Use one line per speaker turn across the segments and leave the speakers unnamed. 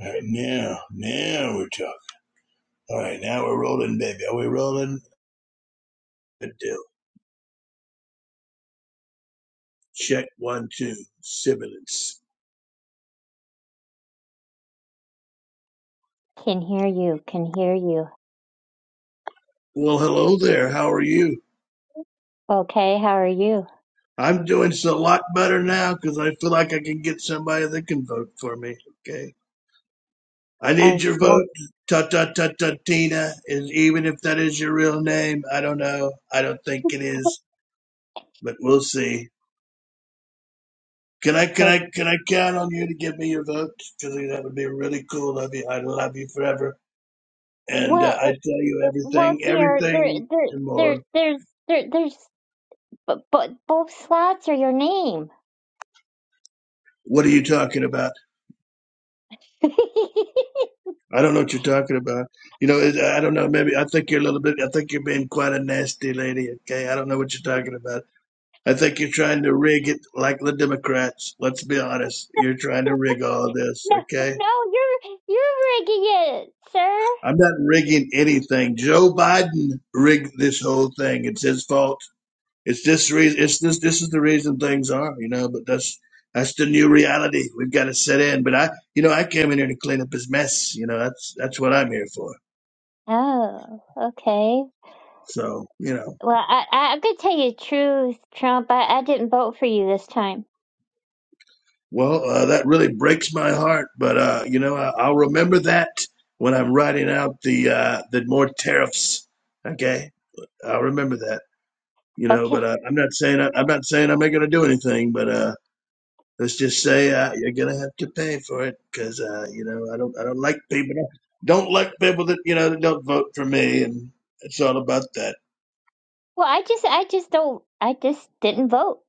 All right, now, now we're talking. All right, now we're rolling, baby. Are we rolling? Good deal. Check one, two, sibilance.
Can hear you, can hear you.
Well, hello there. How are you?
Okay, how are you?
I'm doing a lot better now because I feel like I can get somebody that can vote for me. Okay. I
Oh,
need your
it's not
vote. Ta ta ta ta Tina is even if that is your real name. I don't know. I don't think it is, but we'll see. Can I can
good.
I can I count on you to give me your vote? Because that would be really cool of you. I love you forever. and uh, I
Well,
tell you
well,
everything,
dear, there,
everything
there,
and
there,
more.
there's, there, there's, but, but both slots are your name.
What are you talking about?
no,
I don't know what you're talking about. You know, it, I don't know. Maybe I think you're a little bit. I think you're being quite a nasty lady. Okay, I don't know what you're talking about. I think you're trying to rig it like the Democrats. Let's be honest. You're trying to rig all this. Okay,
no, you're, you're rigging it, sir.
I'm not rigging anything. Joe Biden rigged this whole thing. It's his fault. It's this reason. It's this. This is the reason things are, you know. But that's that's the new reality. We've got to set in. But I, you know, I came in here to clean up his mess. You know, that's that's what I'm here for.
Oh, okay.
So, you know,
Well, I, I, I'm gonna tell you the truth, Trump. I, I didn't vote for you this time.
well, uh, that really breaks my heart. But uh, you know, I, I'll remember that when I'm writing out the uh, the more tariffs. Okay, I'll remember that. You know,
Okay.
but uh, I'm not saying I, I'm not saying I'm not going to do anything. But uh, let's just say uh, you're gonna have to pay for it because uh, you know I don't I don't like people that, don't like people that you know that don't vote for me, and it's all about that.
Well, I just, I just don't, I just didn't vote.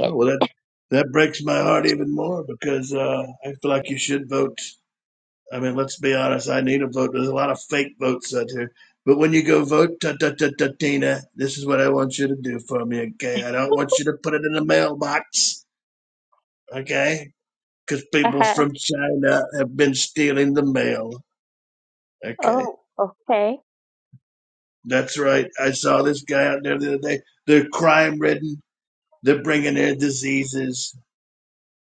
Oh well, that that breaks my heart even more because uh, I feel like you should vote. I mean, let's be honest. I need a vote. There's a lot of fake votes out here. But when you go vote, ta ta ta ta Tina, this is what I want you to do for me, okay? I don't want you to put it in the mailbox, okay? Because
Uh
people
huh.
from China have been stealing the mail. Okay.
Oh, okay.
That's right. I saw this guy out there the other day. They're crime ridden. They're bringing their diseases.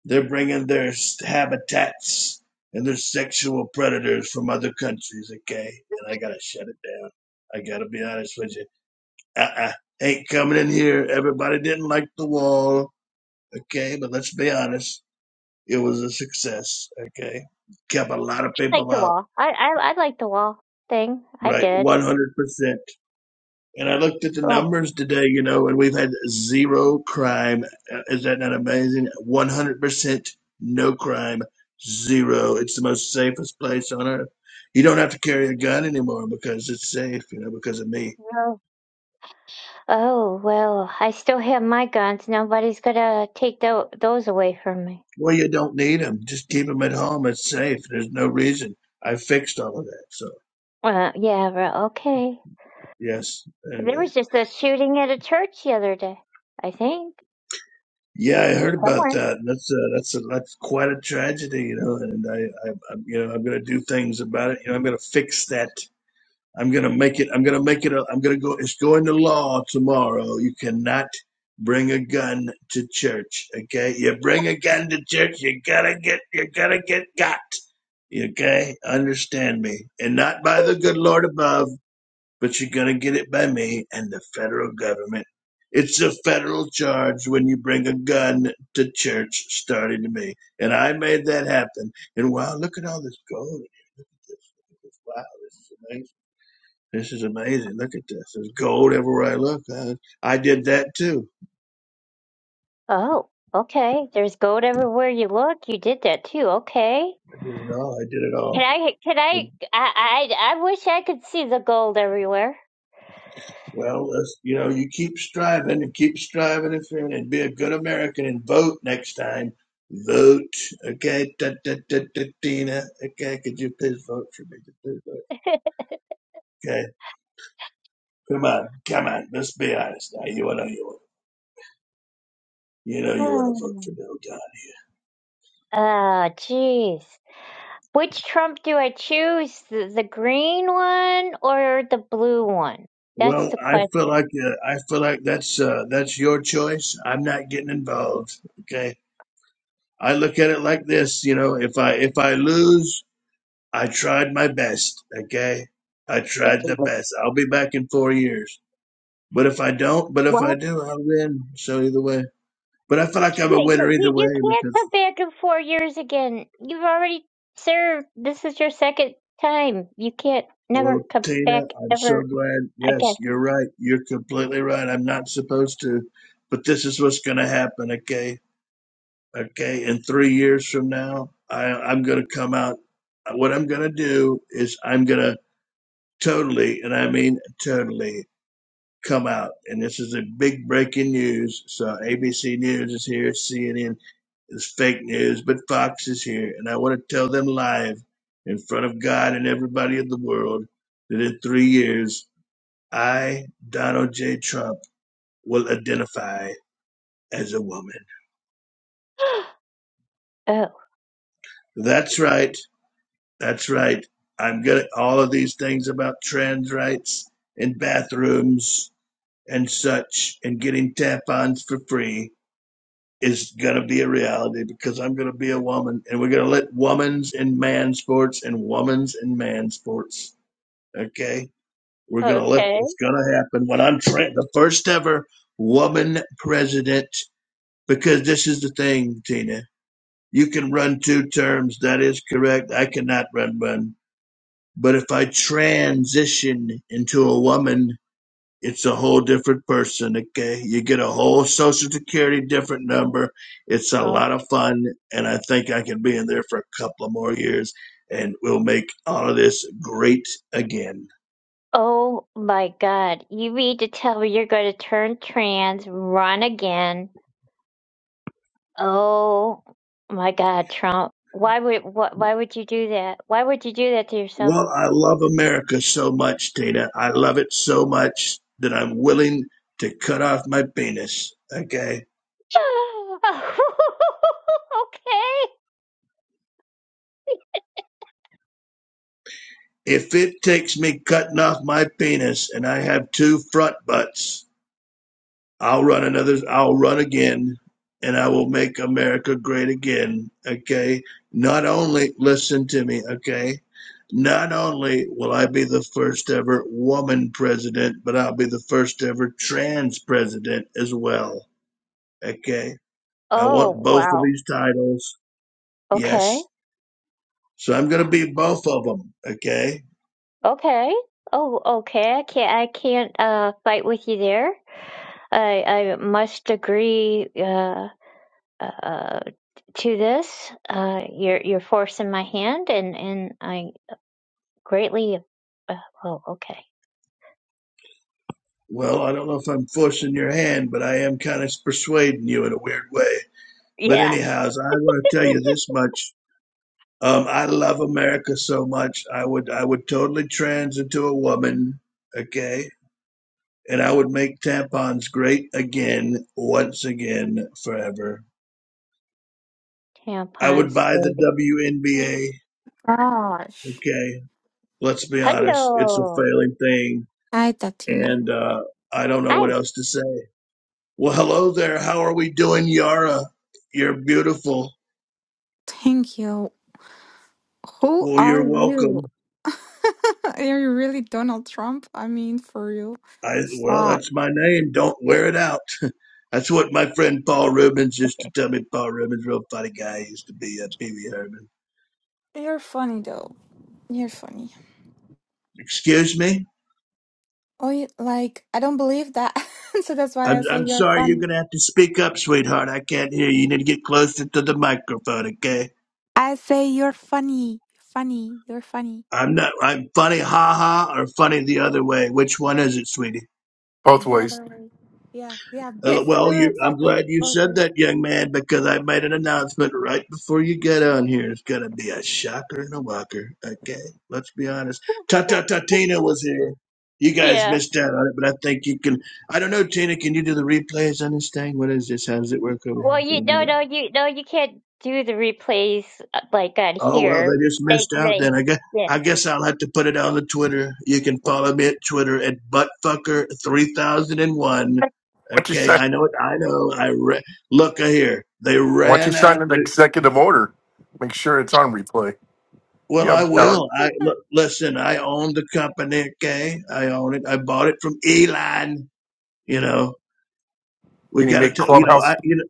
They're bringing their habitats and their sexual predators from other countries. Okay, and I gotta shut it down. I gotta be honest with you. Uh-uh. Ain't coming in here. Everybody didn't like the wall. Okay, but let's be honest. It was a success. Okay, kept a lot of
like
people
the
out.
wall. I I I like the wall thing. I
Right,
did.
one hundred percent. And I looked at the
Oh,
numbers today, you know, and we've had zero crime. Uh, Is that not amazing? 100% no crime, zero. It's the most safest place on earth. You don't have to carry a gun anymore because it's safe, you know, because of me.
well. oh well, I still have my guns. Nobody's gonna take tho- those away from me.
Well, you don't need them. Just keep them at home. It's safe. There's no reason. I fixed all of that. So,
Uh, yeah, well, okay.
yes,
There
anyway.
was just a shooting at a church the other day. I think
Yeah, I heard about
somewhere.
that. and That's uh, that's a, that's quite a tragedy, you know. And I, I, i you know, I'm going to do things about it. You know, I'm going to fix that I'm gonna make it. I'm gonna make it. A, I'm gonna go. It's going to law tomorrow. You cannot bring a gun to church. Okay, you bring a gun to church, you gotta get. You gotta get got. Okay, understand me, and not by the good Lord above, but you're gonna get it by me and the federal government. It's a federal charge when you bring a gun to church, starting to me, and I made that happen. And wow, look at all this gold! Look at this. Look at this. Wow, this is amazing. This is amazing. Look at this. There's gold everywhere I look. I, I did that too.
Oh, okay. There's gold everywhere you look. You did that too. Okay.
I did it all. I did it
Can
all.
I? Can I? I I, I wish I could see the gold everywhere.
Well, you know, you keep striving and keep striving and fearing and be a good American and vote next time. Vote. Okay. Da, da, da, da, Tina. Okay. Could you please vote for me? Could you Please vote. Okay. Come on. Come on. Let's be honest now. You know you want you know you want to vote
oh,
for Bill Gates.
jeez. Which Trump do I choose? The, the green one or the blue one? That's
Well,
the
I feel
question.
like uh, I feel like that's uh, that's your choice. I'm not getting involved. Okay I look at it like this, you know, if I if I lose, I tried my best, okay? I tried the best. I'll be back in 4 years. But if I don't, but if I
Well,
do, I'll win. So either way. But I feel like I'm a
yeah, yeah,
winner either
you, you
way
can't
because
come back in four years again. You've already served. This is your second time. You can't
well,
never come
Tina,
back
I'm so
ever
glad.
again.
Yes, you're right. You're completely right. I'm not supposed to, but this is what's going to happen, okay? Okay, in 3 years from now, I I'm going to come out what I'm going to do is I'm going to totally, and I mean totally, come out. And this is a big breaking news. So ABC News is here, CNN is fake news, but Fox is here. And I want to tell them live in front of God and everybody in the world that in three years, I, Donald J. Trump, will identify as a woman.
oh,
That's right. That's right. I'm getting all of these things about trans rights in bathrooms and such and getting tampons for free is going to be a reality because I'm going to be a woman and we're going to let women's and man sports and women's and man sports. Okay. We're going to let
okay.
this going to happen when I'm tra- the first ever woman president because this is the thing, Tina. You can run two terms. That is correct. I cannot run one. But if I transition into a woman It's a whole different person, okay? You get a whole social security different number. It's a
Oh.
lot of fun, and I think I can be in there for a couple of more years, and we'll make all of this great again.
oh my God. You mean to tell me you're going to turn trans, run again, Oh my God, Trump! Why would what? Why would you do that? Why would you do that to yourself?
Well, I love America so much, Tina. I love it so much that I'm willing to cut off my penis, okay?
okay.
If it takes me cutting off my penis and I have two front butts, I'll run another. I'll run again, and I will make America great again. Okay. Not only listen to me. Okay. Not only will I be the first ever woman president, but I'll be the first ever trans president as well. Okay. I
Oh
want both of
wow.
these titles.
Okay.
Yes. So I'm going to be both of them. Okay.
Okay. Oh okay. I can't. I can't uh fight with you there. I I must agree uh, uh to this. Uh, you're you're forcing my hand, and and I greatly. Uh, oh okay.
Well, I don't know if I'm forcing your hand, but I am kind of persuading you in a weird way. But
Yes.
anyhow, I want to tell you this much Um, I love America so much. I would I would totally trans into a woman, okay? And I would make tampons great again, once again, forever. I would
Tampons
buy the
great.
WNBA,
Gosh.
okay? Let's be honest, it's a
Hello.
failing thing,
Hi, Tatina.
and uh, I don't know
Hi.
what else to say. Well, hello there. How are we doing, Yara? You're beautiful.
Thank you. Who
Well,
are
you're
you?
welcome.
Are you really Donald Trump? I mean, for real.
I well,
Stop.
that's my name. Don't wear it out. That's what my friend Paul Rubens used to tell me. Paul Rubens, real funny guy, used to be a Pee Wee Herman.
You're funny, though. You're funny.
Excuse me?
Oh, you, like, I don't believe that. so that's why I
I'm,
say
I'm
you're
sorry, you're
funny.
going to have to speak up, sweetheart. I can't hear you. You need to get closer to the microphone, okay?
I say you're funny. Funny. You're funny.
I'm not, I'm funny ha ha or funny the other way. Which one is it, sweetie?
both
The
ways.
other way. Yeah, yeah.
Uh,
Best,
Well, you, I'm
exactly.
glad you
Both
said
ways.
that, young man, because I made an announcement right before you get on here. It's going to be a shocker and a walker. Okay, let's be honest. Ta Ta Ta Tina was here. You guys
Yeah.
missed out on it, but I think you can. I don't know, Tina, can you do the replays on this thing? What is this? How does it work over
Well,
here? Can
you
you do
no,
that?
no, you no, you can't do the replays uh, like on
Oh well,
here.
they just
They,
missed out.
they,
Then I guess
yeah.
I guess I'll have to put it on the Twitter. You can follow me at Twitter at buttfucker three thousand and one.
Once you
Okay,
sign,
I know it. I know. I re- look here. They
once you
ran out.
sign an
The,
executive order, make sure it's on replay.
well,
You have
I
the power.
will. I look, listen. I own the company. Okay, I own it. I bought it from Elon. You know, we
Can you
got
make
to. You know, I.
Clubhouse?
You know,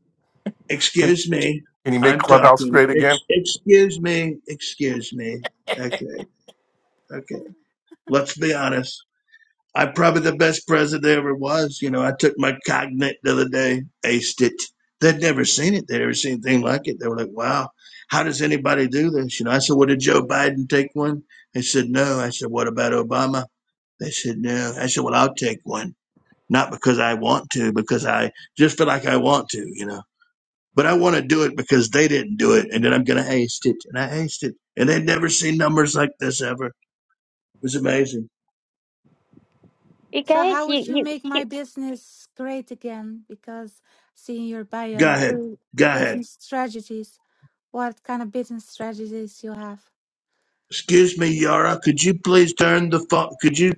Can,
excuse me.
can you make
I'm
Clubhouse
talking.
great again?
Ex- excuse me. Excuse me. Okay. Okay. Let's be honest. I'm probably the best president there ever was. You know, I took my cognate the other day, aced it. They'd never seen it. They'd never seen anything like it. They were like, wow, how does anybody do this? You know, I said, well, did Joe Biden take one? They said, no. I said, what about Obama? They said, no. I said, well, I'll take one. Not because I want to, because I just feel like I want to, you know. But I want to do it because they didn't do it. And then I'm going to ace it. And I aced it. And they'd never seen numbers like this ever. It was amazing.
You
So
guys,
how
you,
would you make
you,
my business great again? Because seeing your
Go
bio,
ahead.
bu-
Go ahead.
business strategies, what kind of business strategies you have?
Excuse me, Yara. Could you please turn the phone? Could you?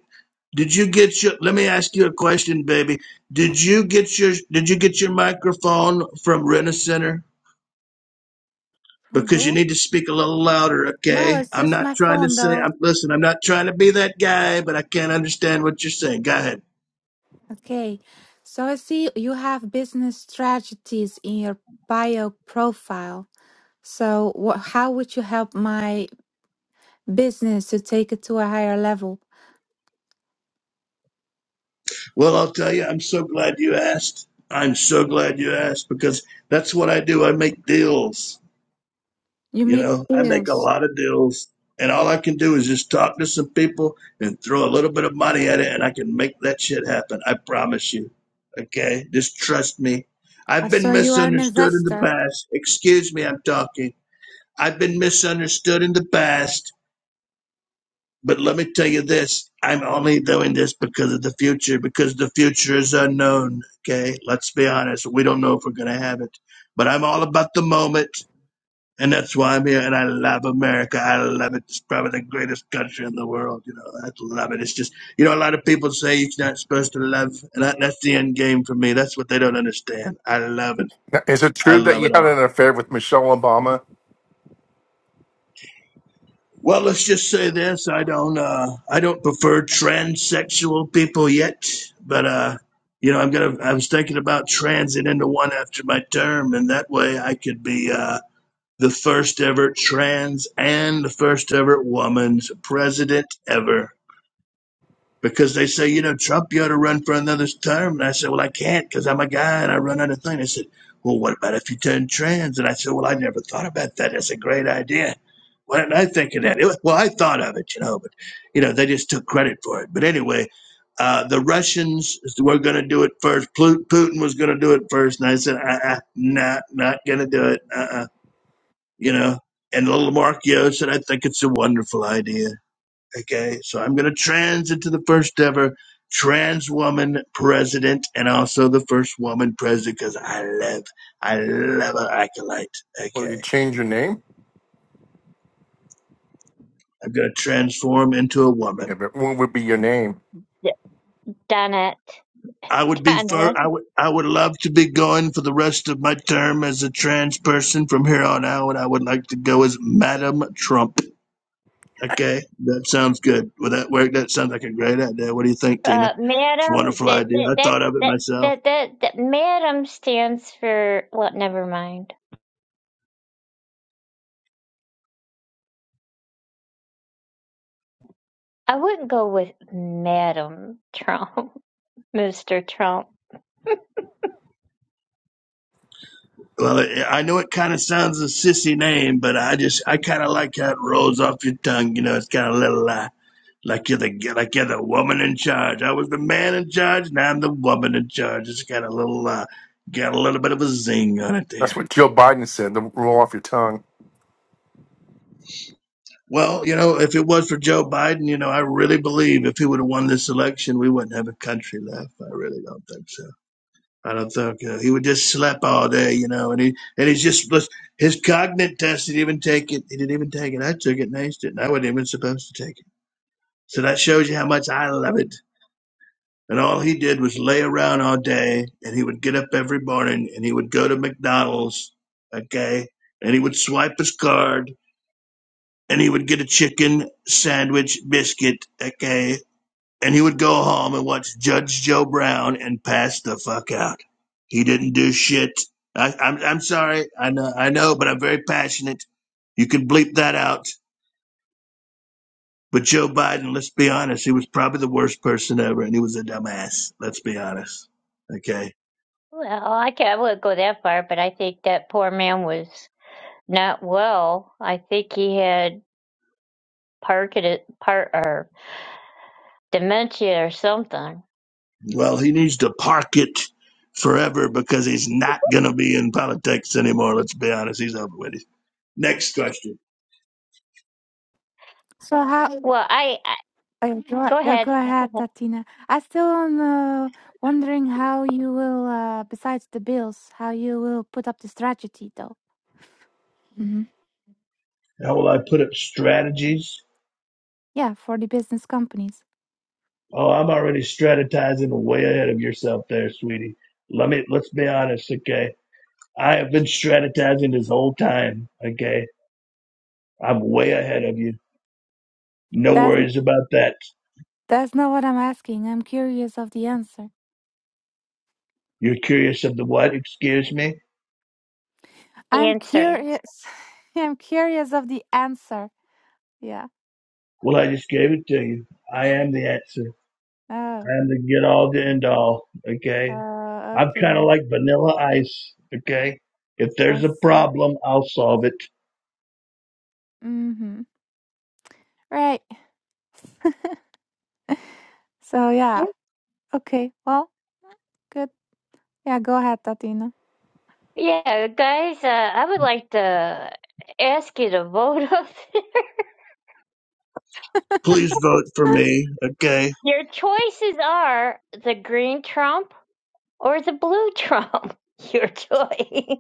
Did you get your? Let me ask you a question, baby. Did you get your? Did you get your microphone from Rena Center?
From
Because you
who?
need to speak a little louder,
No,
okay?
it's
I'm
just
not
my
trying to
phone
say.
though.
I'm listen. I'm not trying to be that guy, but I can't understand what you're saying. Go ahead.
Okay. So I see you have business strategies in your bio profile. So wha how would you help my business to take it to a higher level?
Well, I'll tell you. I'm so glad you asked. I'm so glad you asked because that's what I do. I make deals.
You
You
make
know, I make a
deals.
lot of deals, and all I can do is just talk to some people and throw a little bit of money at it, and I can make that shit happen. I promise you. Okay? Just trust me.
I
I've been
saw you are an
misunderstood in the
investor.
past. Excuse me, I'm talking. I've been misunderstood in the past. But let me tell you this I'm only doing this because of the future, because the future is unknown. Okay? Let's be honest. We don't know if we're going to have it. But I'm all about the moment. And that's why I'm here and I love America. I love it. It's probably the greatest country in the world. You know, I love it. It's just, you know, a lot of people say you're not supposed to love, and that, that's the end game for me. That's what they don't understand. I love it.
Now, Is it
I
true that
love
you
it
had
all.
an affair with Michelle Obama?
Well, let's just say this. I don't, uh, I don't prefer transsexual people yet, but, uh, you know, I'm gonna. I was thinking about transit into one after my term, and that way I could be. Uh, the first ever trans and the first ever woman's president ever. Because they say, you know, Trump, you ought to run for another term. And I said, well, I can't because I'm a guy and I run out of things. They said, well, what about if you turn trans? And I said, well, I never thought about that. That's a great idea. Why didn't I think of that? It was, well, I thought of it, you know, but, you know, they just took credit for it. But anyway, uh, the Russians were going to do it first. Putin was going to do it first. And I said, uh-uh, not, not going to do it. Uh-uh you know. And little Markio said, I think it's a wonderful idea. Okay, so I'm going to trans into the first ever trans woman president and also the first woman president because I love, I love an acolyte.
Will you
Okay,
change your name?
I'm going to transform into a
Yeah,
woman.
but what would be your name?
you Donut,
I would be fur.
Donut,
I would. I would love to be going for the rest of my term as a trans person from here on out. I would like to go as Madam Trump. Okay, that sounds good. Will that work? That sounds like a great idea. What do you think, Tina?
uh,
It's a
Madam,
wonderful
that,
idea.
that,
I
that,
thought of it
that,
myself.
that, that, that Madam stands for. Well, never mind. I wouldn't go with Madam Trump, Mr. Trump.
Well, it, I know it kind of sounds a sissy name, but I just I kind of like how it rolls off your tongue. You know, it's kind of a little uh, like you're the like you're the woman in charge. I was the man in charge, now I'm the woman in charge. It's got a little uh, got a little bit of a zing on it
That's
there.
what Joe Biden said. The roll off your tongue.
Well, you know, if it was for Joe Biden, you know, I really believe if he would have won this election, we wouldn't have a country left. I really don't think so. I don't think uh, he would just sleep all day, you know. And he and he's just was- his cognate test. He didn't even take it. He didn't even take it. I took it and aced it, and I wasn't even supposed to take it. So that shows you how much I love it. And all he did was lay around all day, and he would get up every morning, and he would go to McDonald's, okay, and he would swipe his card, and he would get a chicken sandwich biscuit, okay, and he would go home and watch Judge Joe Brown and pass the fuck out. He didn't do shit. I, I'm I'm sorry. I know I know, but I'm very passionate. You can bleep that out. But Joe Biden, let's be honest, he was probably the worst person ever, and he was a dumbass. Let's be honest. Okay.
Well, I can't, I wouldn't go that far, but I think that poor man was. Not well. I think he had Parkin part or dementia or something.
Well, he needs to park it forever because he's not gonna be in politics anymore. Let's be honest. He's over with it. Next question.
So how
Well, I, I
Oh, go, a-
go
no,
ahead.
go
Go
ahead,
ahead.
Tatina. I still am uh, wondering how you will, uh, besides the bills, how you will put up the strategy, though. hmm
How will I put up strategies
Yeah, for the business companies.
Oh, I'm already strategizing way ahead of yourself there, sweetie. Let me let's be honest, okay? I have been strategizing this whole time, okay? I'm way ahead of you. No
That's
worries about that.
that's not what I'm asking. I'm curious of the answer.
You're curious of the what? Excuse me?
I'm
Answer.
curious. I'm curious of the answer. Yeah.
Well, I just gave it to you. I am the answer. I
Oh.
am the get all the end all, okay?
Uh,
I'm kind of
okay.
like vanilla ice, okay? If
I
there's a
see.
problem, I'll solve it.
Mm-hmm. Right. so yeah. Okay. Well, good. Yeah. Go ahead, Tatina.
Yeah, guys, uh, I would like to ask you to vote on
Please vote for me, okay?
Your choices are the green Trump or the blue Trump. Your choice.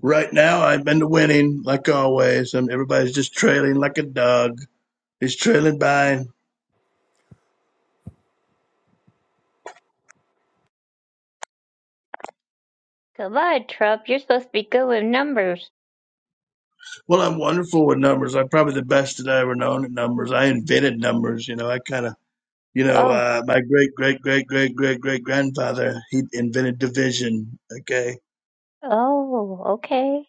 Right now, I've been to winning, like always, and everybody's just trailing like a dog. He's trailing by.
Come on, Trump. You're supposed to be good with numbers.
Well, I'm wonderful with numbers. I'm probably the best that I ever known at numbers. I invented numbers. You know, I kind of, you know,
Oh,
uh, my great, great, great, great, great, great grandfather, he invented division. Okay.
oh, okay.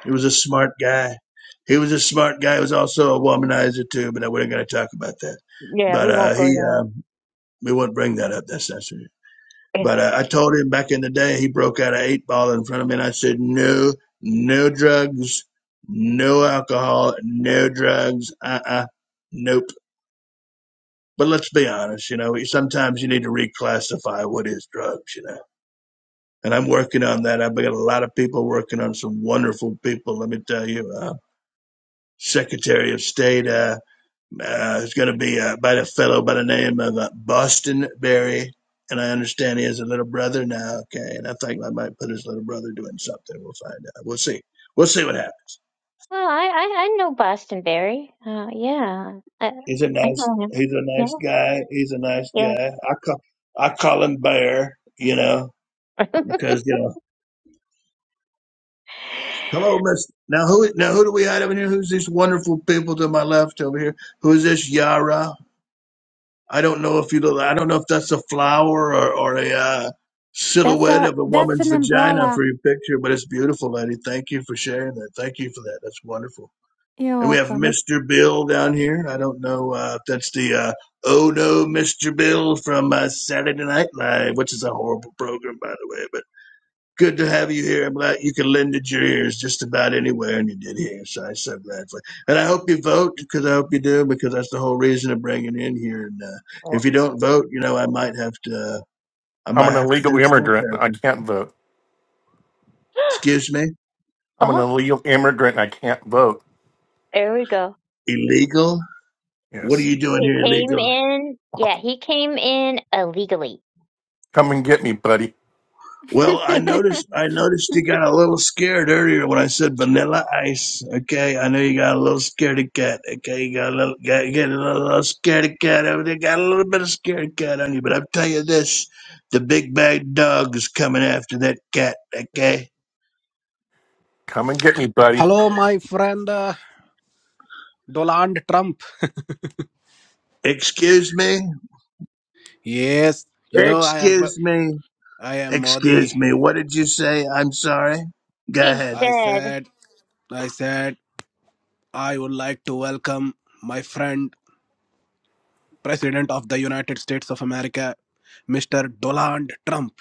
He was a smart guy. He was a smart guy. He was also a womanizer, too, but I wasn't going to talk about that.
Yeah,
But
we
uh,
won't
he, uh,
go
we won't bring that up. That's not true.
there.
But I, I told him back in the day, he broke out an eight ball in front of me, and I said, no, no drugs, no alcohol, no drugs, uh-uh, nope. But let's be honest, you know, sometimes you need to reclassify what is drugs, you know. And I'm working on that. I've got a lot of people working on some wonderful people, let me tell you. Uh, Secretary of State, uh, Uh, it's going to be uh, by a fellow by the name of uh, Boston Berry. And I understand he has a little brother now. Okay. And I think I might put his little brother doing something. We'll find out. We'll see. We'll see what happens.
Oh, I, I, I know Bostonberry. Uh, yeah, I,
He's a
I
nice,
know him.
he's a
Yeah,
nice guy. He's a nice
yeah.
guy. I call, I call him Bear, you know, because, you know, hello, Miss. Now, who, now, who do we have over here? Who's these wonderful people to my left over here? Who's this Yara? I don't know if you I don't know if that's a flower or, or a uh,
That's
silhouette
a
of a
that's
woman's
an
vagina
umbrella.
for your picture, but it's beautiful, lady. Thank you for sharing that. Thank you for that. That's wonderful.
You're
And we have
welcome. It's-
Mr. Bill down here. I don't know uh, if that's the uh, Oh No Mr. Bill from uh, Saturday Night Live, which is a horrible program, by the way good to have you here. I'm glad you can lend it your ears just about anywhere, and you did here. So I'm so glad for it. And I hope you vote because I hope you do because that's the whole reason of bringing it in here. And uh, if
Well,
you don't vote, you know I might have to. Uh, I
I'm
might
an
have to
illegal
do some more
immigrant. I
therapy.
can't vote.
Excuse me,
I'm an
oh,
illegal immigrant. I can't vote.
there we go.
illegal. What are
Yes.
you doing
He
here,
came
illegal?
in. Yeah, he came in illegally.
Come and get me, buddy.
Well, I noticed I noticed you got a little scared earlier when I said vanilla ice. Okay, I know you got a little scaredy cat. Okay, you got a little got, you got a little, little scaredy cat over there. Got a little bit of scaredy cat on you, but I'll tell you this: the big bad dog is coming after that cat. Okay,
Come and get me, buddy.
Hello, my friend uh, Donald Trump.
excuse me,
Yes, you know I am.
excuse me,
I am Modi.
excuse me. What did you say? I'm sorry. Go
he
ahead.
I
said,
said. I said I would like to welcome my friend, President of the United States of America, Mr. Donald Trump.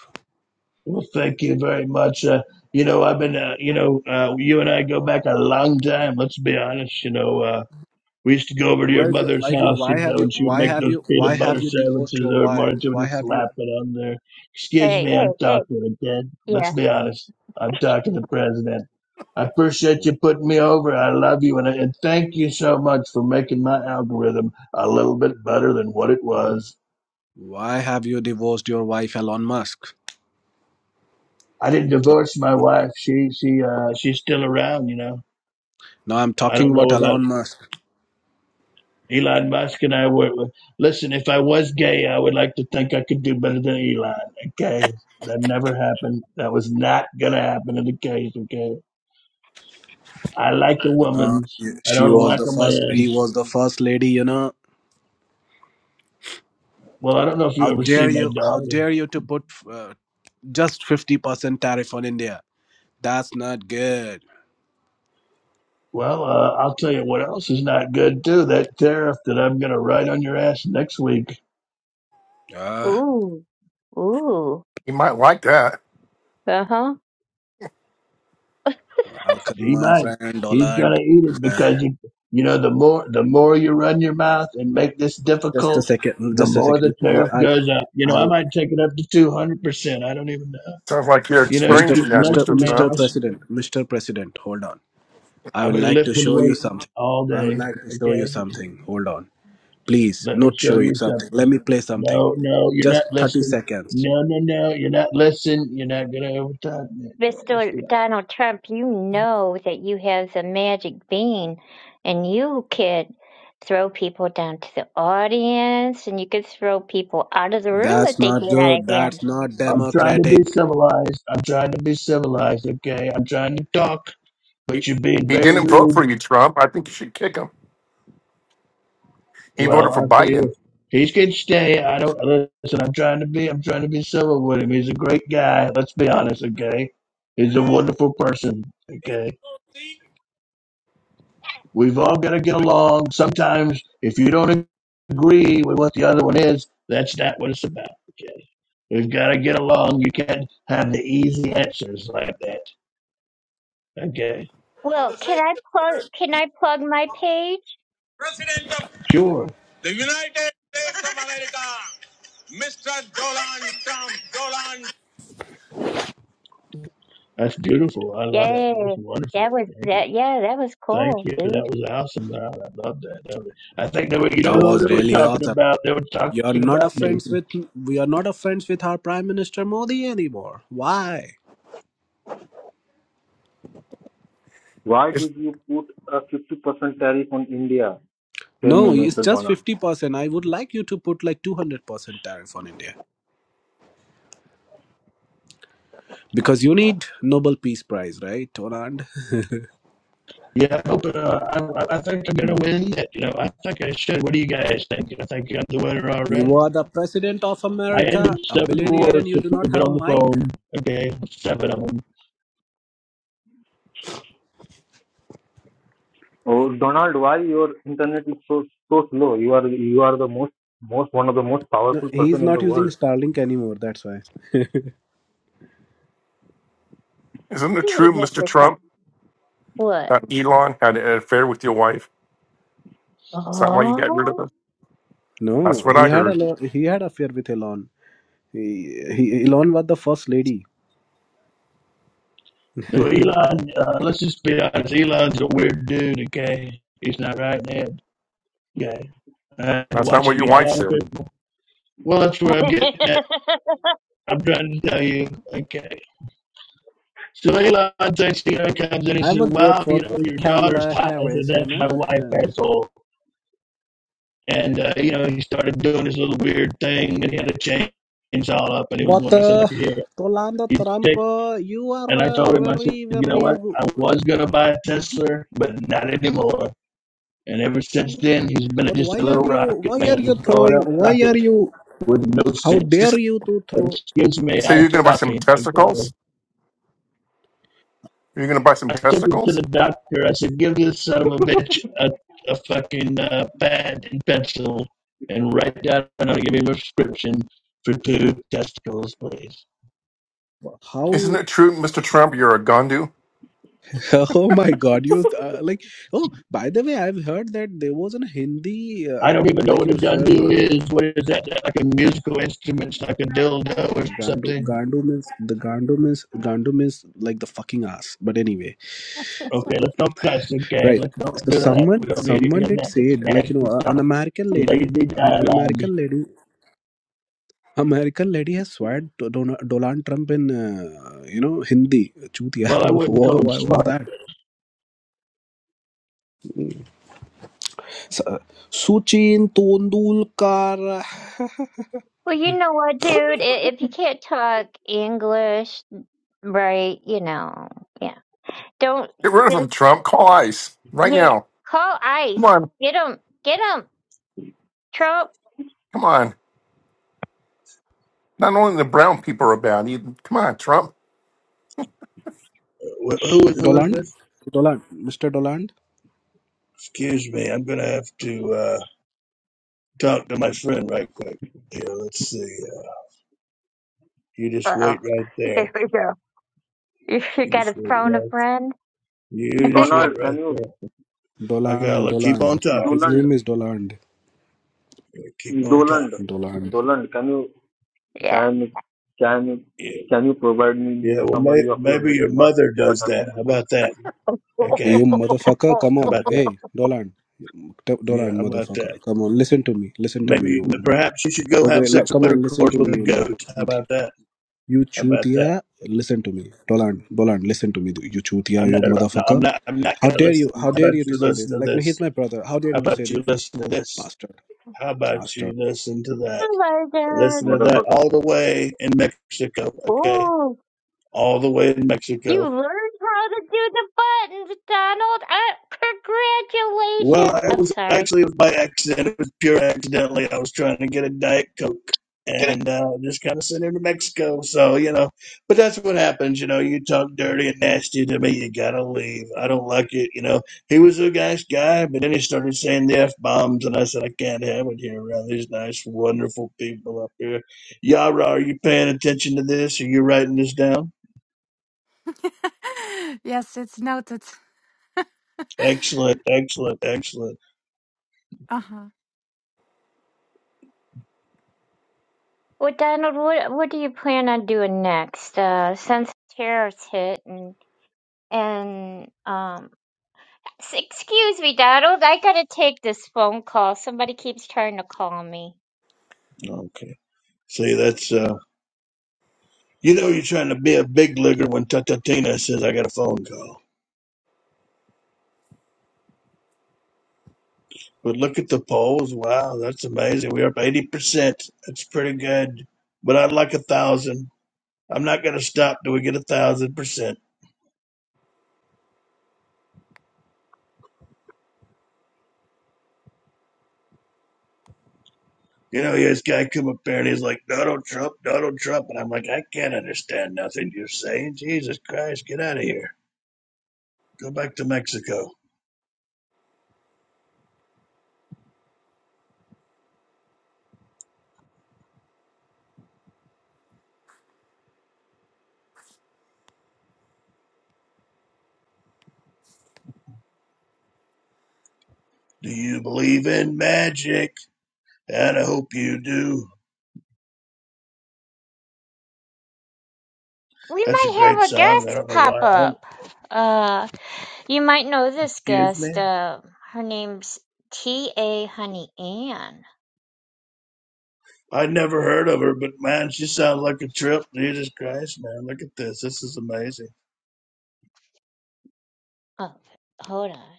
Well, thank you very much. Uh, you know, I've been, uh, you know, uh, you and I go back a long time. Let's be honest. You know, uh, we used to go over to your
Where's
mother's
like you know
house,
why
and you
have
know,
you
and she would
why
make
have
those
you why
peanut
have
butter
you divorced
sandwiches
your
every
wife?
morning. She would
Why
just
have you
slap it on there. Excuse
"Hey,
me,
hey,
I'm
hey."
talking again. Let's
Yeah.
be honest. I'm talking to President. I appreciate you putting me over. I love you, and, I, and thank you so much for making my algorithm a little bit better than what it was.
why have you divorced your wife, Elon Musk?
I didn't
So
divorce my wife. She she uh, she's still around, you know
now I'm
I
talking
don't know
about
about
Elon Musk.
Elon Musk, and I would listen. If I was gay, I would like to think I could do better than Elon. Okay, that never happened. That was not gonna happen in the case. Okay, I like a
Uh,
woman's. I
she
don't
was
like
the
a
first. He
man's.
was the first lady. You know
Well, I don't know if you
How
ever see
dare
my
you? How
daughter.
dare you to put uh, just fifty percent tariff on India? That's not good.
Well, uh, I'll tell you what else is not good too. That tariff that I'm gonna write on your ass next week.
Ah,
Ooh, ooh.
You might like that.
Uh huh.
welcome,
He
my
might.
friend
He's
Dolan.
gonna eat it
Uh,
because you you know the more the more you run your mouth and make this
just a
difficult,
second.
the
Just a
more the
second. L-
tariff
I'll,
goes up. You know, I
I'll,
might take it up to two hundred percent. I don't even know.
Sounds like you're
You know, you
Mr.
experiencing
keep
that,
Mr.
flexing,
Mr.
man.
Trump.
Mr.
I've
President, Mr. President, hold on. I
I've
would
been
like to
lifting
show you
weights
something.
all
I would
day.
like to show you
Okay,
something. Hold on, please.
let me
Not
show
show you
you
something.
something.
Let me play something.
No, no, you're not
Just thirty
listening.
seconds.
No, no, no, you're not listening. You're not gonna overtime me. Okay, let's be
Mr.
honest.
Donald Trump, you know that you have the magic bean and you could throw people down to the audience and you could throw people out of the room
That's
if they
not
get out of
good. That's
hand.
not
I'm trying to be
democratic.
civilized. I'm trying to be civilized. Okay, I'm trying to talk. but
He,
you're being
he
very
didn't vote
rude.
for you, Trump. I think you should kick him. He
Well,
voted for
I'll tell you
Biden.
this. He can stay. I don't listen. I'm trying to be. I'm trying to be civil with him. He's a great guy. Let's be honest, okay? He's a wonderful person, okay? We've all got to get along. Sometimes, if you don't agree with what the other one is, that's not what it's about, okay? We've got to get along. You can't have the easy answers like that, okay?
Well, can I plug can I plug my page?
Sure,
The United States of America, Mr. Donald Trump, Donald
that's beautiful. I love that. That's
Yay.
wonderful.
That was
Thank you.
that yeah, that was
Thank
cool,
you. That
dude.
was awesome. Ron. I love that. That was- I think they were, you know,
That
who
was
they were
really
talking
awesome.
about. They were
You're
talking
not a
about me.
friends with we are not a friends with our Prime Minister Modi anymore. Why?
Why
Is,
did you put a 50% tariff on India? Tell me,
No, it's
Mr.
just
Donald.
fifty percent. I would like you to put like two hundred percent tariff on India because you need Nobel Peace Prize, right, Anand?
Yeah, I hope. Uh, I, I I think I'm gonna win it. You know, I think I should. What do you guys think? I think I'm the winner
You
already.
are the president of
I
America,
ended
a
seven
billionaire, and
wars
you
since
do not
we've been
have a
on the
mic.
phone. Okay, seven of them.
Oh, Donald, why your internet is so so slow? You are you are the most most one of the most
No,
powerful
he's
person in
not
the
using
world.
Starlink anymore. That's why.
isn't it
You leave
true, Mr.
Mr. Trump.
Trump,
What?
that Elon had an affair with your wife? Is that why you got rid of
Oh
him? That's
No,
what
he
I
had a
heard.
lo- he had affair with Elon. He, he, Elon was the first lady.
No, Elon. Uh, let's just be honest. Elon's a weird dude. Okay, he's not right now. Okay, I had to
That's not
watch
what
him.
your
You know, a
wife
lot of
said.
people. Well, that's where I'm getting at. I'm trying to tell you. Okay. So they love texting her comes in and
I
said,
would vote
Wow, you
for
know, your daughter's
Kamala
hot. I said,
Harris, you
That's my
know.
wife,
Yeah.
asshole. And uh, you know, he started doing this little weird thing and he had a chain all up and he was
But
going, I said,
uh,
Look at here,
Tolanda
you
Trump,
take
uh, you are
and I told
uh,
him, I said,
very,
You know
very.
what? I was gonna buy a Tesla, but not anymore. And ever since then he's been
But
just a
why
little
are you?
rocket
Why are
man,
you
blowing up
throwing? Why are
rockets
you?
with no
How
You,
sense.
s-
dare you to throw?
Excuse me,
you say
I'm
you're going to buy some
talking. Okay.
testicles? You're going to buy some
I took him to
testicles?
the doctor. I said, "Give this son of a bitch a, a fucking uh, pad and pencil and write down and I'll give him a prescription for two testicles, please."
Isn't
How?
it true, Mr. Trump, you're a gundu?
Oh my God! You uh, like? Oh, by the way, I've heard that there was a Hindi, uh,
I
ab-
don't even know
like
what
you
a
know, swear
dundoo
word.
is. What is that? Like a musical instrument, it's like a dildo or
The gandu,
something?
gandu means the gandu means gandu means like the fucking ass. But anyway.
Okay, let's not cuss. Okay,
Right.
let's not
So
do that. We
someone
don't need any
someone
of
did
that.
say
That's
it like you know
nasty
a- an
talk,
American lady
lazy
um, an
dialogue.
American lady American lady has swayed to Don- Donald Trump in uh, you know Hindi. Chut yaar,
Well, I wouldn't call him
Why was
smart.
that? S- uh, Sachin Tendulkar.
Well, you know what, dude? I- If you can't talk English, right, you know. yeah. Don't
Get rid of him,
just
Trump. Call ICE right
yeah.
now.
Call
Come
ICE.
on.
Get Get Get 'em, Trump.
Come on. Not only the brown people are bad, you, come on, Trump.
Wh- Who who is
Doland.
this?
Doland. Mr. Doland.
Excuse me. I'm gonna have to. Uh, talk to my friend right quick. Here, let's see. Uh, you just
Oh,
wait right
here
there.
we go. You
You
got
just
to
wait
phone a
right.
friend.
You just wait
Donald,
right
can you
there. I gotta
Doland.
look. Keep on
Doland.
talking,
His
baby.
Donald
name is Doland.
Yeah, Keep on talking.
Donald
Doland.
Donald, can you
yeah.
can can
Yeah.
can you provide me
Yeah.
with a
Well, may,
summary of your
maybe your
meeting? What
mother
what
does that.
happened
How
with
about that?
this
Okay.
You motherfucker,
oh
come
How
on.
about that?
Hey, Doland.
Yeah.
Dolan
How about that?
motherfucker come on listen to me listen to me
Maybe,
you
perhaps you should go
Okay,
have
lo-
sex
come
with
on, listen
intercourse
to
with a
me, Omar.
goat. How
Chutia.
about that?
You
How about that?
chutia, listen to me. Dolan, Dolan, listen to me. You
I'm
chutia,
not.
you
No, I'm
motherfucker.
not. I'm not
How
gonna
dare you,
listen.
how
How
dare
about
you to
you
say
listen
this?
to
Like, no, he's
this?
my brother. How dare
How
you to say
about you
this?
listen to this?
Bastard,
How about
bastard.
you listen to that?
my
Listen
god.
to that
motherfucker?
all the way in Mexico. Okay,
Oh,
all the way in
you
Mexico.
learned how to do the buttons, Donald. Uh,
Well,
congratulations.
I
I'm
was
sorry.
actually it was by accident. It was pure accidentally. I was trying to get a diet coke and uh, just kind of sent him to Mexico. So you know, but that's what happens. You know, you talk dirty and nasty to me, you gotta leave. I don't like it. You know, he was a nice guy, but then he started saying the f bombs, and I said I can't have it here around these nice, wonderful people up here. Yara, are you paying attention to this? Are you writing this down?
yes, it's noted.
Excellent, excellent, excellent.
uh-huh.
Well, Donald, what what do you plan on doing next? Uh, since tariffs hit and and um S- Excuse me, Donald. I gotta take this phone call. Somebody keeps trying to call me.
Okay. See, that's uh, you know, you're trying to be a big leaguer when Tatatina says I got a phone call. But look at the polls. Wow, that's amazing. We're up eighty percent. That's pretty good. But I'd like a thousand. I'm not gonna stop till we get a thousand percent. You know, this guy come up there and he's like Donald Trump, Donald Trump, and I'm like, I can't understand nothing you're saying. Jesus Christ, get out of here. Go back to Mexico. Do you believe in magic? And I hope you do.
We
That's a
might
great
have a
song. I
guest
don't know
pop
why. I don't
up. Uh, you might know this
excuse me.
guest. Uh, her name's T. A. Honey Ann.
I never heard of her, but man, she sounds like a trip. Jesus Christ, man, look at this. This is amazing.
Oh, hold on.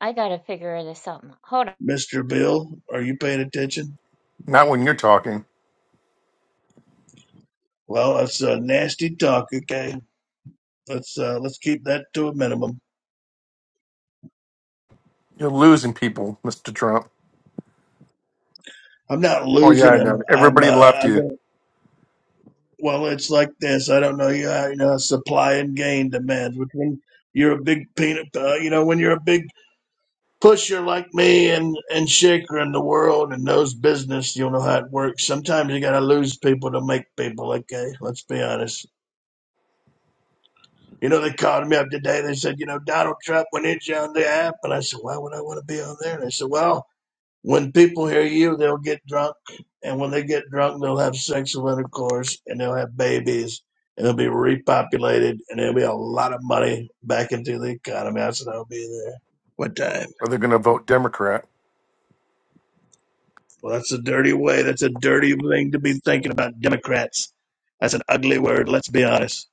I gotta figure this out. Hold on.
Mr. Bill, are you paying attention?
Not when you're talking.
Well, that's uh, nasty talk. Okay, let's uh, let's keep that to a minimum.
You're losing people, Mr. Trump.
I'm not
Oh, yeah,
losing
I
him.
know.
I'm
Everybody
uh,
left
I'm
you,
gonna. Well, it's like this. I don't know. You, uh, you know, supply and gain demands. Which when you're a big peanut, uh, you know, when you're a big pusher like me and and shaker in the world and knows business, you'll know how it works. Sometimes you gotta lose people to make people. Okay, let's be honest. You know, they called me up today. They said, you know, Donald Trump went in on the app, and I said, why would I want to be on there? And they said, well, when people hear you, they'll get drunk, and when they get drunk, they'll have sexual intercourse, and they'll have babies, and they'll be repopulated, and there'll be a lot of money back into the economy. I said, I'll be there. What time?
or they're going to vote Democrat.
Well, that's a dirty way. That's a dirty thing to be thinking about Democrats. That's an ugly word. Let's be honest.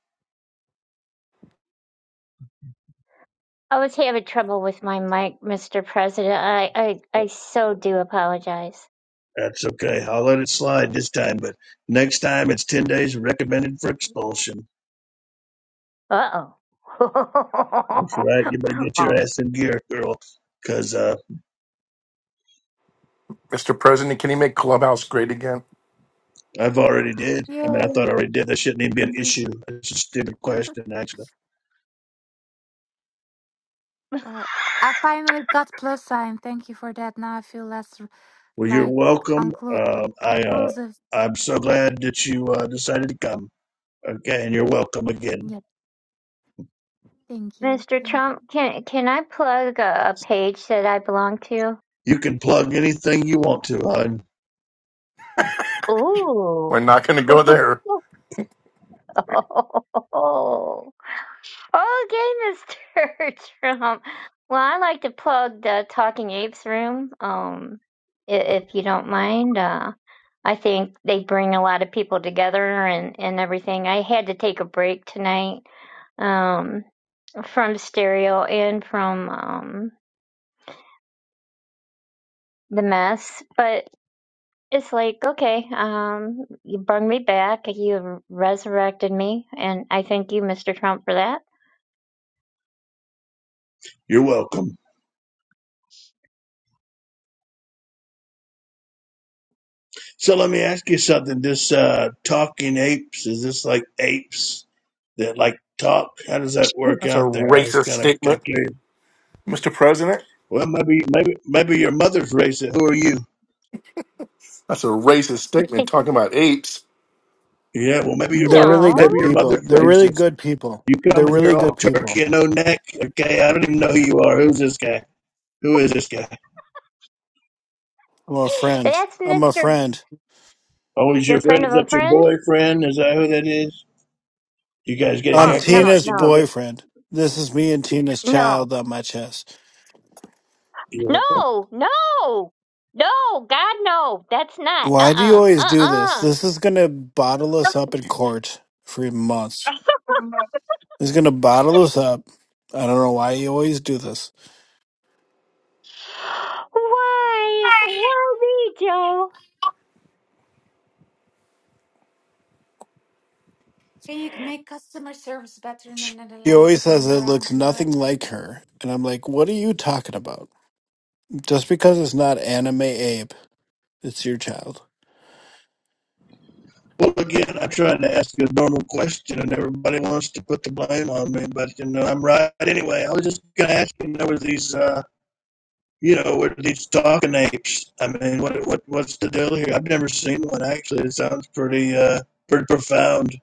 I was having trouble with my mic, Mr. President. I, I, I so do apologize.
That's okay. I'll let it slide this time, but next time it's 10 days recommended for expulsion.
Uh
That's right. You better get
oh.
your ass in gear, girl, because uh,
Mr. President, can you make Clubhouse great again?
I've already did. I mean, I thought
You.
I already did. That shouldn't even be an
Oh,
issue. It's a stupid question, actually.
I finally got plus sign. Thank you for that. Now I feel less r-
Well, you're
like
welcome.
unclu-
Um I, uh,
inclusive.
I'm so glad that you uh, decided to come. Okay, and you're welcome again.
Yeah, thank you.
Mr.
Thank
Trump,
you.
can can I plug a, a page that I belong to?
You can plug anything you want to, hon.
Ooh.
We're not going to go there.
Oh, okay, Mr. Trump. Well, I like to plug the Talking Apes room. Um, i- if you don't mind, uh, I think they bring a lot of people together and and everything. I had to take a break tonight. Um, from stereo and from um the mess, but It's like, okay, um, you brought me back, you resurrected me, and I thank you, Mr. Trump, for that.
You're welcome. So let me ask you something. This uh, talking apes is this like apes that like talk? How does that work
That's a
out there? I was
racist
kind of kind of
statement.
curious.
Mr. President,
Well, maybe maybe maybe your mother's racist. Who are you?
that's a racist statement
no,
talking about apes.
Yeah, well, maybe your
They're
mother
really
maybe
good
your
people.
mother's
They're really
racist.
good people.
You come
They're
in here
really
all
good
turkey
people.
and no neck. Okay, I don't even know who you are. Who's this guy? Who is this guy?
I'm a friend.
that's
I'm a
Mr.
friend.
Oh, he's
Your
your friend.
friend of
Is
a
that your
friend?
boyfriend? Is that who that is? You guys get
I'm
Oh, no,
haircuts
Tina's
no,
together?
boyfriend. This is me and Tina's
no,
child on my chest.
Yeah.
no, no, no, God, no, that's not.
Why do you
Uh-uh,
always do this?
uh-uh.
This is gonna bottle us up in court for
uh, uh
months. It's gonna bottle us up. I don't know why you always do this.
Why? Why me, Joe?
Can you make customer service better in the
She
Netherlands
always
and
says
in
it
around?
looks nothing like her. And I'm like, what are you talking about? Just because it's not anime Abe, it's your child.
Well, again, I tried to ask a normal question, and everybody wants to put the blame on me, but you know I'm right anyway. I was just gonna ask you, there were these, uh, you know, were these talking apes? I mean, what what what's the deal here? I've never seen one actually. It sounds pretty uh pretty profound.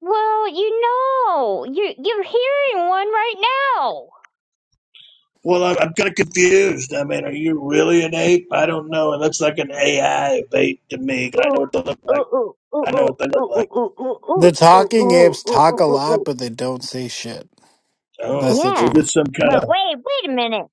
Well, you know, you you're hearing one right now.
Well, I'm, I'm kind of confused. I mean, are you really an ape? I don't know. It looks like an AI ape to me. I know
ooh,
what they look
ooh,
like.
ooh, ooh,
I know what
ooh,
they
ooh, ooh,
look like.
ooh,
The
ooh, ooh, ooh,
talking
ooh,
apes
ooh,
talk
ooh,
a
ooh.
lot,
ooh.
but they don't say shit.
Oh,
That's the
is
Yeah.
truth.
this some kind of
But wait, wait a minute.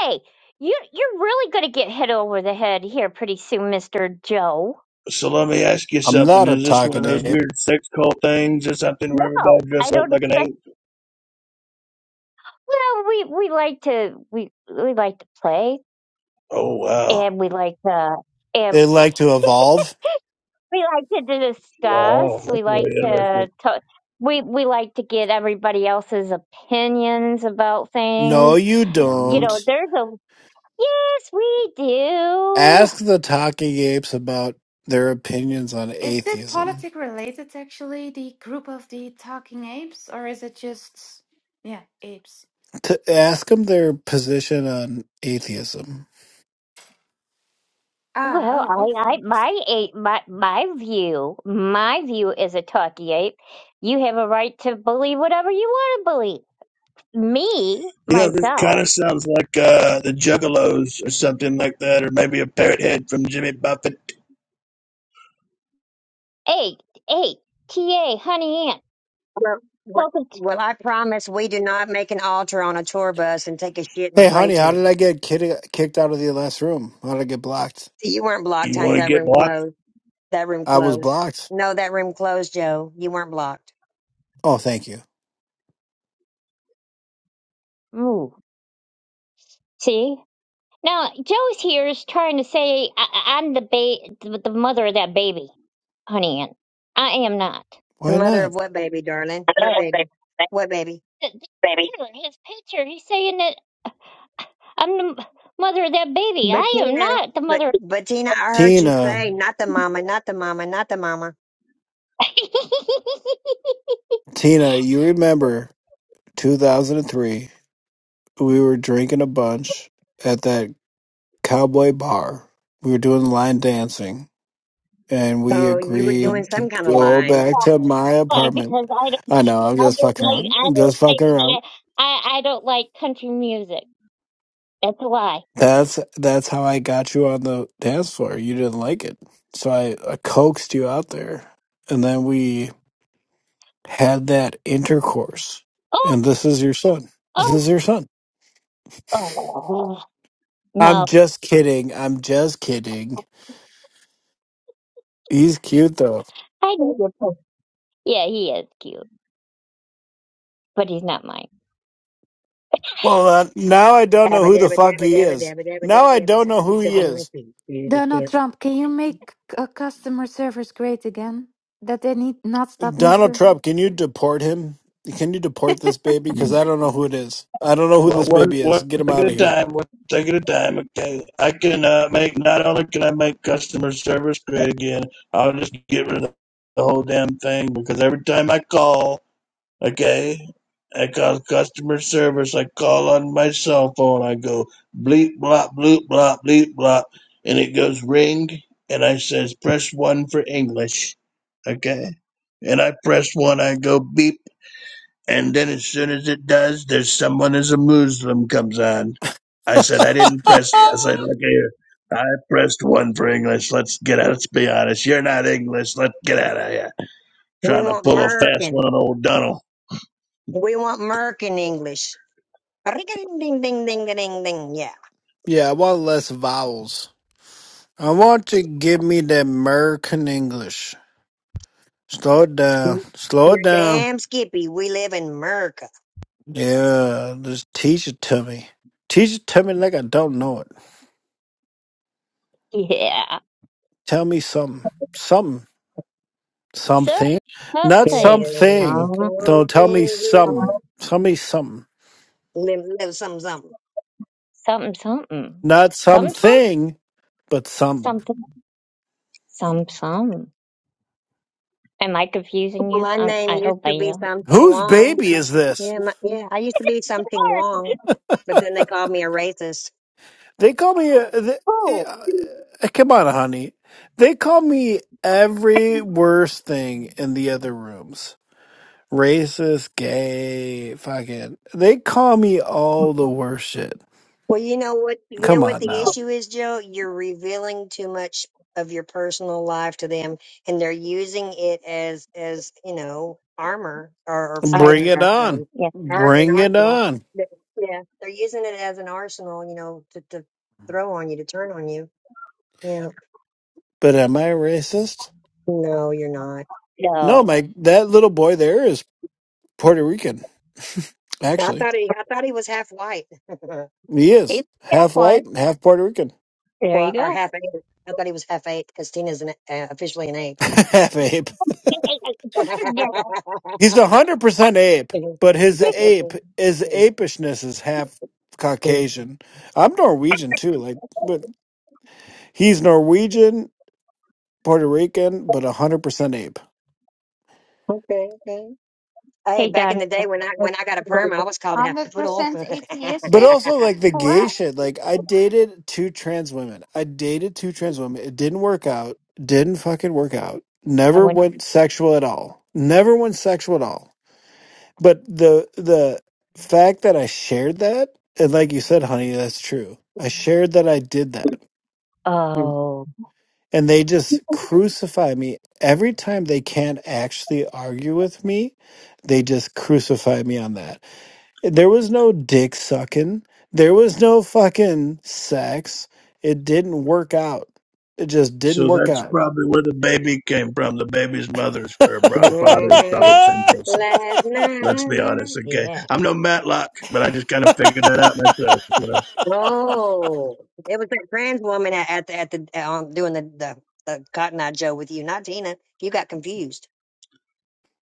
Hey, you you're really gonna get hit over the head here pretty soon, Mister Joe.
So let me ask you
I'm
something.
not a
Is this one of
talking
those
ape.
weird sex cult things? Is this something where everybody
No,
dress
I
up
don't
like an
expect.
ape?
Well, we we like to we we like to play,
Oh wow,
and we like to and
They like to evolve.
we like to discuss.
wow, that's
We like
really
to
interesting.
talk. We we like to get everybody else's opinions about
No,
things
you
you
don't.
Mm.
know, there's a Yes, we do.
Ask the talking apes about their opinions on
Is it
atheism.
politic related actually, the group of the talking apes, or is it just yeah, apes?
To ask them their position on atheism.
Ah,
Well,
oh,
I, I,
okay.
my ape, my, my view, my view is a talkie ape. You have a right to believe whatever you want to believe. Me,
You know, this kind
myself,
of sounds like uh, the Juggalos or something like that, or maybe a parrot head from Jimmy Buffett.
ape, ape, ta, honey ant,
Well, well,
welcome.
well, I promise we do not make an altar on a tour bus and take a shit and
Hey,
pray
honey, how
to it.
did I get kid- kicked out of the last room? How did I get blocked?
You weren't blocked,
You
honey.
want to
That
get
room
blocked?
closed. That room
I was
closed.
blocked.
No, that room closed, Joe. You weren't blocked.
Oh, thank you.
To, ooh, see. Now, Joe's here is trying to say I, I- I'm the ba- the the mother of that baby, honey ant. I am not.
The
Why
mother
not?
of what baby, darling?
I don't
What
want that
baby? What baby?
baby. His picture, he's saying that. I'm the m- mother of that baby.
But
I am
Tina,
not the
but,
mother.
but Tina, I heard you
Tina,
say, not the mama, not the mama, not the mama.
Tina, you remember 2003. we were drinking a bunch at that cowboy bar. We were doing line dancing, and we
Oh, you were doing
agreed to
some kind of
go
lines.
back to my
Why?
apartment.
because I don't,
I know, I'm
I
just
don't
fucking
like,
around.
I
I'm just
don't like,
fucking around.
I, I, don't like country music. That's a lie.
That's that's how I got you on the dance floor. You didn't like it, so I, I coaxed you out there, and then we had that intercourse.
Oh,
And this is your son. This
oh,
is your son.
oh,
I'm
no.
just kidding. I'm just kidding. He's cute
I know your prince. Yeah, he is cute, but he's not mine.
Well, uh, now I don't know
Dabba,
who the
dabba,
fuck
dabba,
he
dabba,
is.
dabba, dabba,
Now
dabba,
I
dabba,
don't know who
said
he
the
is.
monkey.
Donald
We
Trump, can you make uh, customer service great again? That they need not stop me
Donald
to
Trump, can you deport him? Can you deport this baby? Because
Mm.
I don't know who it is. I don't know who
Well,
this
one
baby is.
one
Get him
thing
out
at
of
a
here.
time. One thing at a time. Okay, I can uh, make. Not only can I make customer service great again, I'll just get rid of the whole damn thing because every time I call. Okay. I call customer service. I call on my cell phone. I go bleep blop bloop blop bleep blop, and it goes ring. And I says press one for English. Okay. And I press one. I go beep. And then as soon as it does, there's someone as a Muslim comes on. I said I didn't press. I said look here. I pressed one for English. Let's get out. Let's be honest. You're not English. Let's get out of here. Trying to
want
pull a fast one
Merkin.
on old Donald.
We want Merkin English. Ding ding ding ding ding ding. Yeah.
yeah, I want less vowels. I want to give me the American English. Slow it down. Slow it
You're
down.
damn skippy. We live in America.
Yeah, just teach it to me. Teach it to me like I don't know it.
Yeah.
Tell me something. Something.
So
Something. Not
something.
There's
something. Don't tell me
something
Uh,
good.
some. Tell me something.
Live, live something, something.
Something, something.
Not
Some, some,
something, but some.
something. Some, some. Am I confusing you?
My
I,
name
I
used
hope I
to be
am.
something
Whose
Wong.
baby is this?
Yeah, my, yeah. I used to be
It's
something
hard.
Wong, but then they called me a racist.
They call me. Uh, th-
Cool.
uh, uh, come on, honey. They call me every worst thing in the other rooms. Racist, gay, fucking. They call me all the worst shit.
Well, you know what, you know
Come
what
on
the
now.
issue is, Joe? You're revealing too much of your personal life to them and they're using it as, as, you know, armor or, or
I
Bring
freaking,
it
know.
um,
on.
Yes,
art an
Bring it
arsenal.
on.
But, Yeah. They're using it as an arsenal, you know, to, to throw on you, to turn on you. Yeah.
But am I racist?
No, you're not.
No,
no.
Mike, that little boy there is Puerto Rican,
I
actually.
thought he, I thought he was half white.
He is
Hey, that
half
one.
white, half Puerto Rican,
There you
well, or
go.
half ape. I thought he was half ape because Tina's an, uh, officially an ape.
half ape.
Hey, hey, hey, don't forget
He's
that.
100% ape, but his ape, his apishness is half
Mm.
Caucasian. I'm Norwegian too. Like, but he's Norwegian, Puerto Rican, but 100% ape.
Okay, okay. Hey,
Hey,
back in
Don.
the day when I
I'm
when I got a perm,
going
I
with
was called half poodle.
100%
But
atheistic?
also like the gay shit. Like I dated two trans women. I dated two trans women. It didn't work out. Didn't fucking work out.
that
Never
one.
went sexual at all. Never went sexual at all. But the the fact that I shared that, and like you said, honey, that's true. I shared that I did that. Mm.
Oh.
And they just crucify me every time they can't actually argue with me. They just crucify me on that there was no dick sucking. There was no fucking sex. It didn't work out. It just didn't
So
work
that's
out.
probably where the baby came from. The baby's mother's or bro- or father is
hmm
probably the same person.
Last
Let's be
night,
honest, okay?
yeah.
I'm no Matlock, but I just kind of figured that out myself. you know.
Oh, it was that trans woman at, at the at the um doing the the, the Cotton Eye Joe with you, not Tina. You got confused.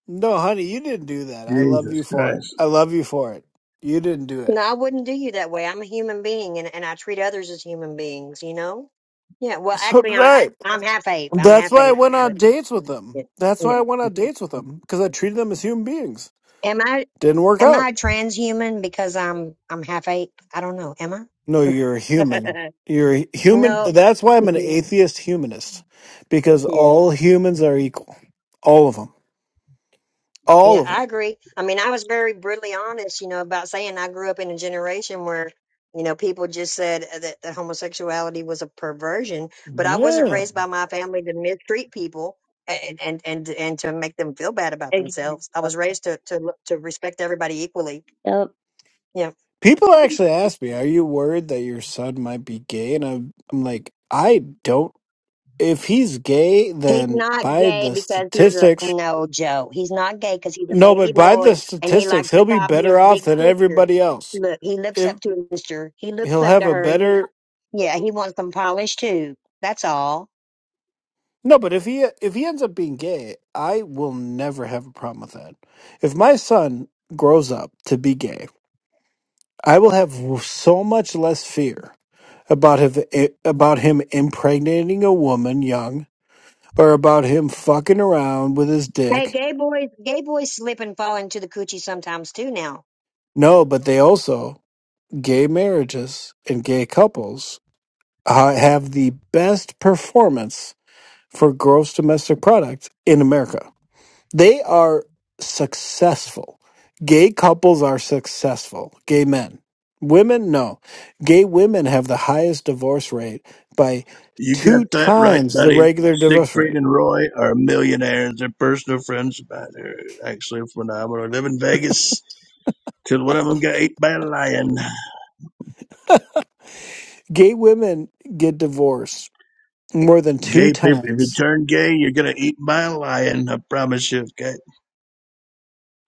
no, honey, you didn't do that. I love
Jesus
you for it.
Christ.
I love you for it. You didn't do it.
No, I wouldn't do you that way. I'm a human being, and and I treat others as human beings. You know. Yeah. Well,
So did
actually, I'm
I.
I'm half ape. I'm
That's
half
why I
ape,
went on
but
dates with
yeah.
them. That's
yeah.
why I went on dates with them because I treated them as human beings.
Am I?
Didn't work
Am
out.
I a transhuman because I'm I'm half ape? I don't know. Am I?
No, you're a human. You're a human.
no.
That's why I'm an atheist humanist, because
yeah.
all humans are equal. All of them. All
Yeah,
of
I
them.
agree. I mean, I was very brutally honest, you know, about saying I grew up in a generation where, you know, people just said that, that homosexuality was a perversion, but I wasn't
Yeah.
raised by my family to mistreat people and and and, and to make them feel bad about themselves. I was raised to to look- to respect everybody equally.
Yep.
People actually ask me, "Are you worried that your son might be gay?" And I'm, I'm like, I don't. If he's gay,
He's
then
not
by
gay
the
because he's a
statistics,
no, Joe. He's not gay because he's a
no, but
baby
by
boy
the
and he likes
statistics, he'll
to
be
copy his
better off
big
than
sister.
everybody else.
Look, he looks
If
up to his sister. He looks
he'll
up to
have a
her, and he
better
yeah, he wants some polish too. That's all.
No, but if he if he ends up being gay, I will never have a problem with that. If my son grows up to be gay, I will have so much less fear about him about him impregnating a woman young or about him fucking around with his
Hey,
dick.
gay boys, gay boys slip and fall into the coochie sometimes too. Now,
No, but they also gay marriages and gay couples uh, have the best performance for gross domestic product in America. They are successful. Gay couples are successful. Gay men. Women, no. Gay women have the highest divorce rate by
You got
two
that right,
times the
buddy.
regular divorce
Siegfried
rate.
and Roy are millionaires. They're personal friends of mine. They're actually phenomenal. I live in Vegas till one of them got eaten by a lion.
Gay women get divorced more than two
Gay people, if you
times.
turn gay, you're going to eat by a lion. I promise you, okay?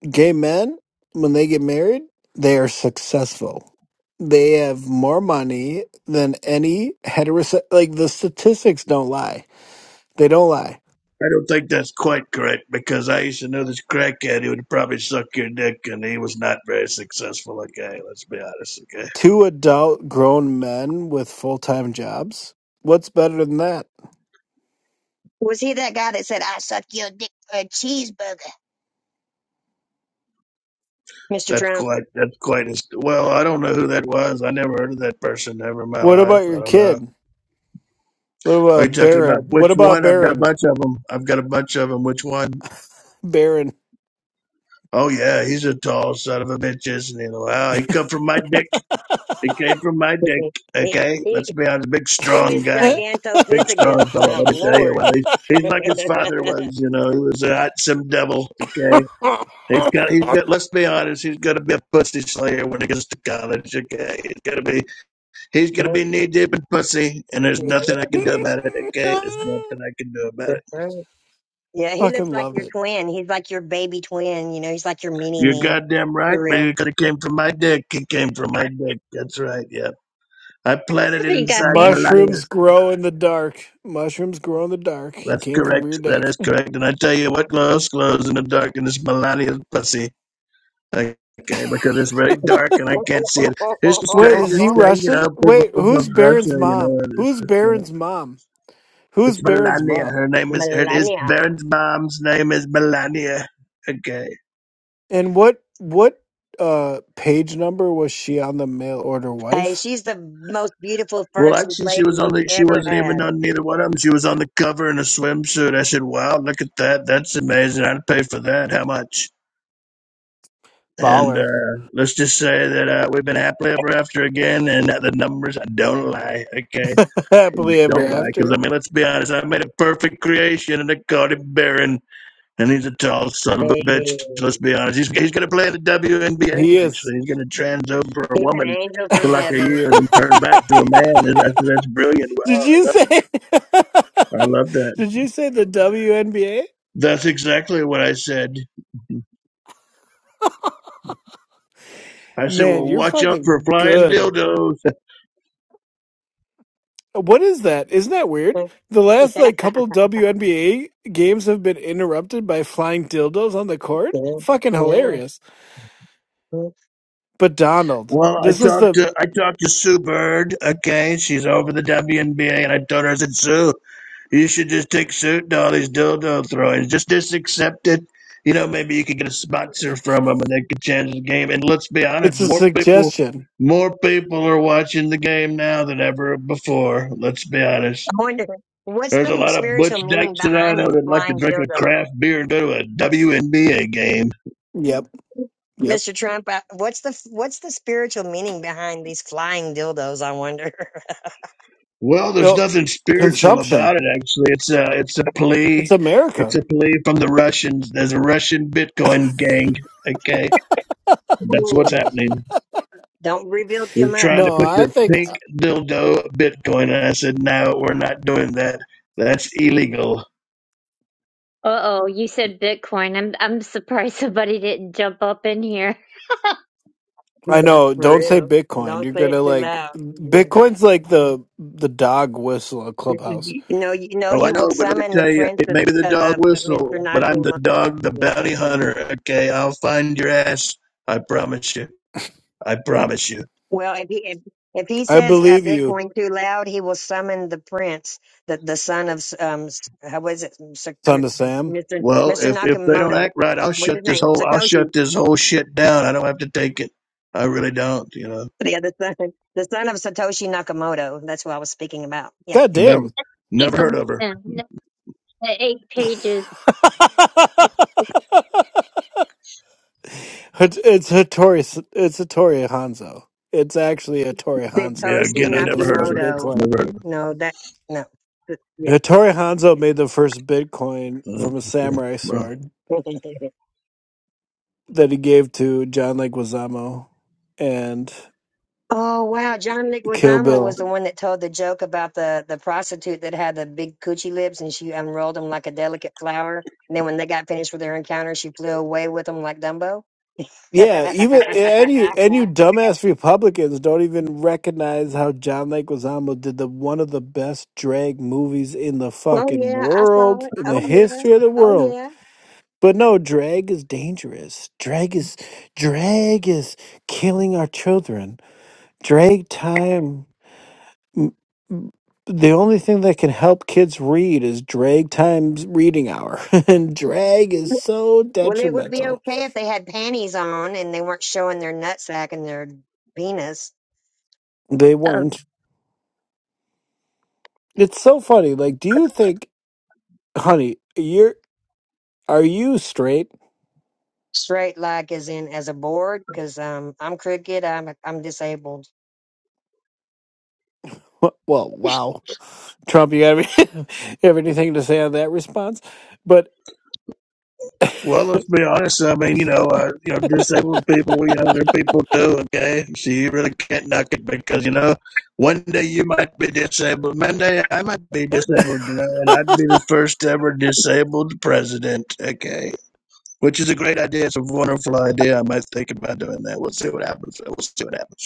Gay men, when they get married, they are successful. They have more money than any heterosexual. Like the statistics don't lie. They don't lie
I don't think that's quite correct because I used to know this crackhead who would probably suck your dick, and he was not very successful. Okay, let's be honest. Okay,
Two adult grown men with full-time jobs? What's better than that?
was he that guy that said, "I suck your dick for a cheeseburger," Mr.
that's
Trump?
quite that's quite as well. I don't know who that was. I never heard of that person ever in my
What
life.
about
I
your
don't know.
kid? What
Are you
about
talking
Baron?
about
What
which
about
one? I've got a
Baron?
bunch of them. I've got a bunch of them. Which one?
Baron.
Oh yeah, he's a tall son of a bitch, isn't he? Wow, he come from my dick. He came from my dick.
he,
Okay,
he
let's be honest. Big
he
strong
is
guy. big strong
gigantopithecus.
fellow.
My
Let me tell you
lord.
what, he's he's like his father was. You know, he was a hot some devil. Okay, he's got he's got. Let's be honest, he's gonna be a pussy slayer when he gets to college. Okay, he's gonna be he's gonna be knee deep in pussy, and there's nothing I can do about it. Okay, there's nothing I can do about it.
Yeah, he looks
Fucking
like
love
your
it.
twin. He's like your baby twin. You know, he's like your mini
You're
me
goddamn right,
for
but
real.
it could have came from my dick. It came from my dick. That's right. Yeah, I planted it
You got
inside
me.
Melania.
Mushrooms grow in the dark. Mushrooms grow in the dark. He
That's
came from
correct.
rear deck.
That is correct. And I tell you what glows, glows in the dark in this Melania's pussy. Okay, because it's very dark and I can't see it. It's the
Wait, is he
strangest thing, you
Russian?
know. People
Wait,
from
who's Baron's
Russia, you know,
mom?
and it's
Who's
just uh,
Baron's mom? Who's
it's
Baron's
Melania.
mom?
Her name is her is
Melania.
Baron's mom's name is Melania. Okay.
And what what uh page number was she on the mail order
Hey,
wife?
she's the most beautiful
Well,
first
actually, she
lady
was on
we've
the she
ever
wasn't even
had.
on neither one of them. She was on the cover in a swimsuit. I said, "Wow, look at that! That's amazing. I'd pay for that. How much?" And uh,
Baller.
let's just say that uh, we've been happily ever after again, and that the numbers don't lie. Okay.
Happily ever
Don't lie, because
after.
I mean, let's be honest. I made a perfect creation, and they called him Baron, and he's a tall son of a
Hey,
bitch. Let's be honest. He's he's gonna play in the
He
WNBA.
is.
Actually, he's gonna trans over a
he's an
woman
angel from
for like a
heaven.
year, and then turn back to a man. And that's that's brilliant.
Did
Wow, I
you
love
say
that. I love that.
Did you say the WNBA?
That's exactly what I said. I said,
Man,
well,
you're
watch out for
fucking
flying
good.
dildos.
What is that? Isn't that weird? The last
yeah,
like couple WNBA games have been interrupted by flying dildos on the court.
yeah,
Fucking
yeah.
hilarious.
I
But Donald,
Well, I
this is
talked
the
to I talked to Sue Bird. Okay, she's over the WNBA, and I told her I said, Sue. You should just take certain all these dildo throwing. Just just accept it. You know, maybe you could get a sponsor from them, and they could change the game. And let's be honest,
it's a
more people,
suggestion.
more people are watching the game now than ever before. Let's be honest.
wonder what's
There's a
the
lot of butch
spiritual meaning
dykes that I
behind
know
these
that like to
flying
drink a
dildos,
craft beer and go to a WNBA game.
Yep, yep.
Mr. Trump. uh, What's the what's the spiritual meaning behind these flying dildos? I wonder.
Well, there's
No
nothing spiritual
consumption.
about it. Actually, it's a it's a
It's
plea. It's
America.
a plea from the Russians. There's a Russian Bitcoin gang. Okay, that's what's
Ooh.
happening.
Don't reveal too
They're
much.
trying to
No,
push
I
their
think
pink dildo Bitcoin. And I said, no, we're not doing that. That's illegal.
Uh-oh, you said Bitcoin. I'm I'm surprised somebody didn't jump up in here.
Yeah,
I know.
For
Don't say
real.
Bitcoin.
Don't
You're
say
gonna
it too
like
loud. Yeah.
Bitcoin's like the the dog whistle at Clubhouse.
You know, you know,
Oh, I
he
know,
will
but let me
summon the
tell you,
prince
it
of,
may be the
of,
dog
of
whistle,
Mr.
but
Nazi
I'm the
Mo-
dog, the bounty hunter. Okay, I'll find your ass. I promise you. I promise you.
Well, if he if, if he
I
says uh,
believe you,
Bitcoin too loud, he will summon the prince, the the son of um, s- how was it,
son
Sak-
of Sam.
Mr.
Well,
Mr.
if if they don't
Nakamoto?
act right, I'll
What's
shut
his
this
name?
whole I'll
Satoshi.
shut this whole shit down. I don't have to take it. I really don't. You know,
Yeah, The other son, the son of Satoshi Nakamoto. That's what I was speaking about. Yeah.
God
The
never
damn.
eight,
never heard of her.
the eight pages
it's it's Hattori. It's Hattori Hanzo. It's actually Hattori
Yeah,
Hanzo who
Satoshi
again, I
made the
never heard of
first
her.
Nakamoto.
Never
Bitcoin.
heard of
No, that no. Yeah.
Hattori Hanzo made the first Bitcoin
her.
from a
Uh, okay.
samurai
Well.
sword. that he gave to John Leguizamo and
oh wow, John
Kill
Leguizamo
Bill.
was the one that told the joke about the the prostitute that had the big coochie lips, and she unrolled them like a delicate flower. And then when they got finished with their encounter, she flew away with them like Dumbo. oh
Yeah, even and you and you dumbass Republicans don't even recognize how John Leguizamo did the one of the best drag movies in the fucking
yeah, I saw
world,
it.
in
Oh
the
yeah,
history of the
oh
world.
yeah.
But no, drag is dangerous. Drag is drag is killing our children. Drag time. m- m- the only thing that can help kids read is drag times reading hour and drag is so
Well, it would be
detrimental
okay if they had panties on and they weren't showing their nutsack and their penis.
they
of
weren't it's so funny like do you think honey you're are you straight
Straight like as in as a board, because um I'm crooked, I'm I'm disabled.
Wh- well wow trump you have, you have anything to say on that response but
Well, let's be honest. I mean, you know, uh, you know, disabled people, you know, they're people too. Okay, so you really can't knock it because you know, one day you might be disabled, Monday I might be disabled, you know, and I'd be the first ever disabled president. Okay, which is a great idea. It's a wonderful idea. I might think about doing that. We'll see what happens. We'll see what happens.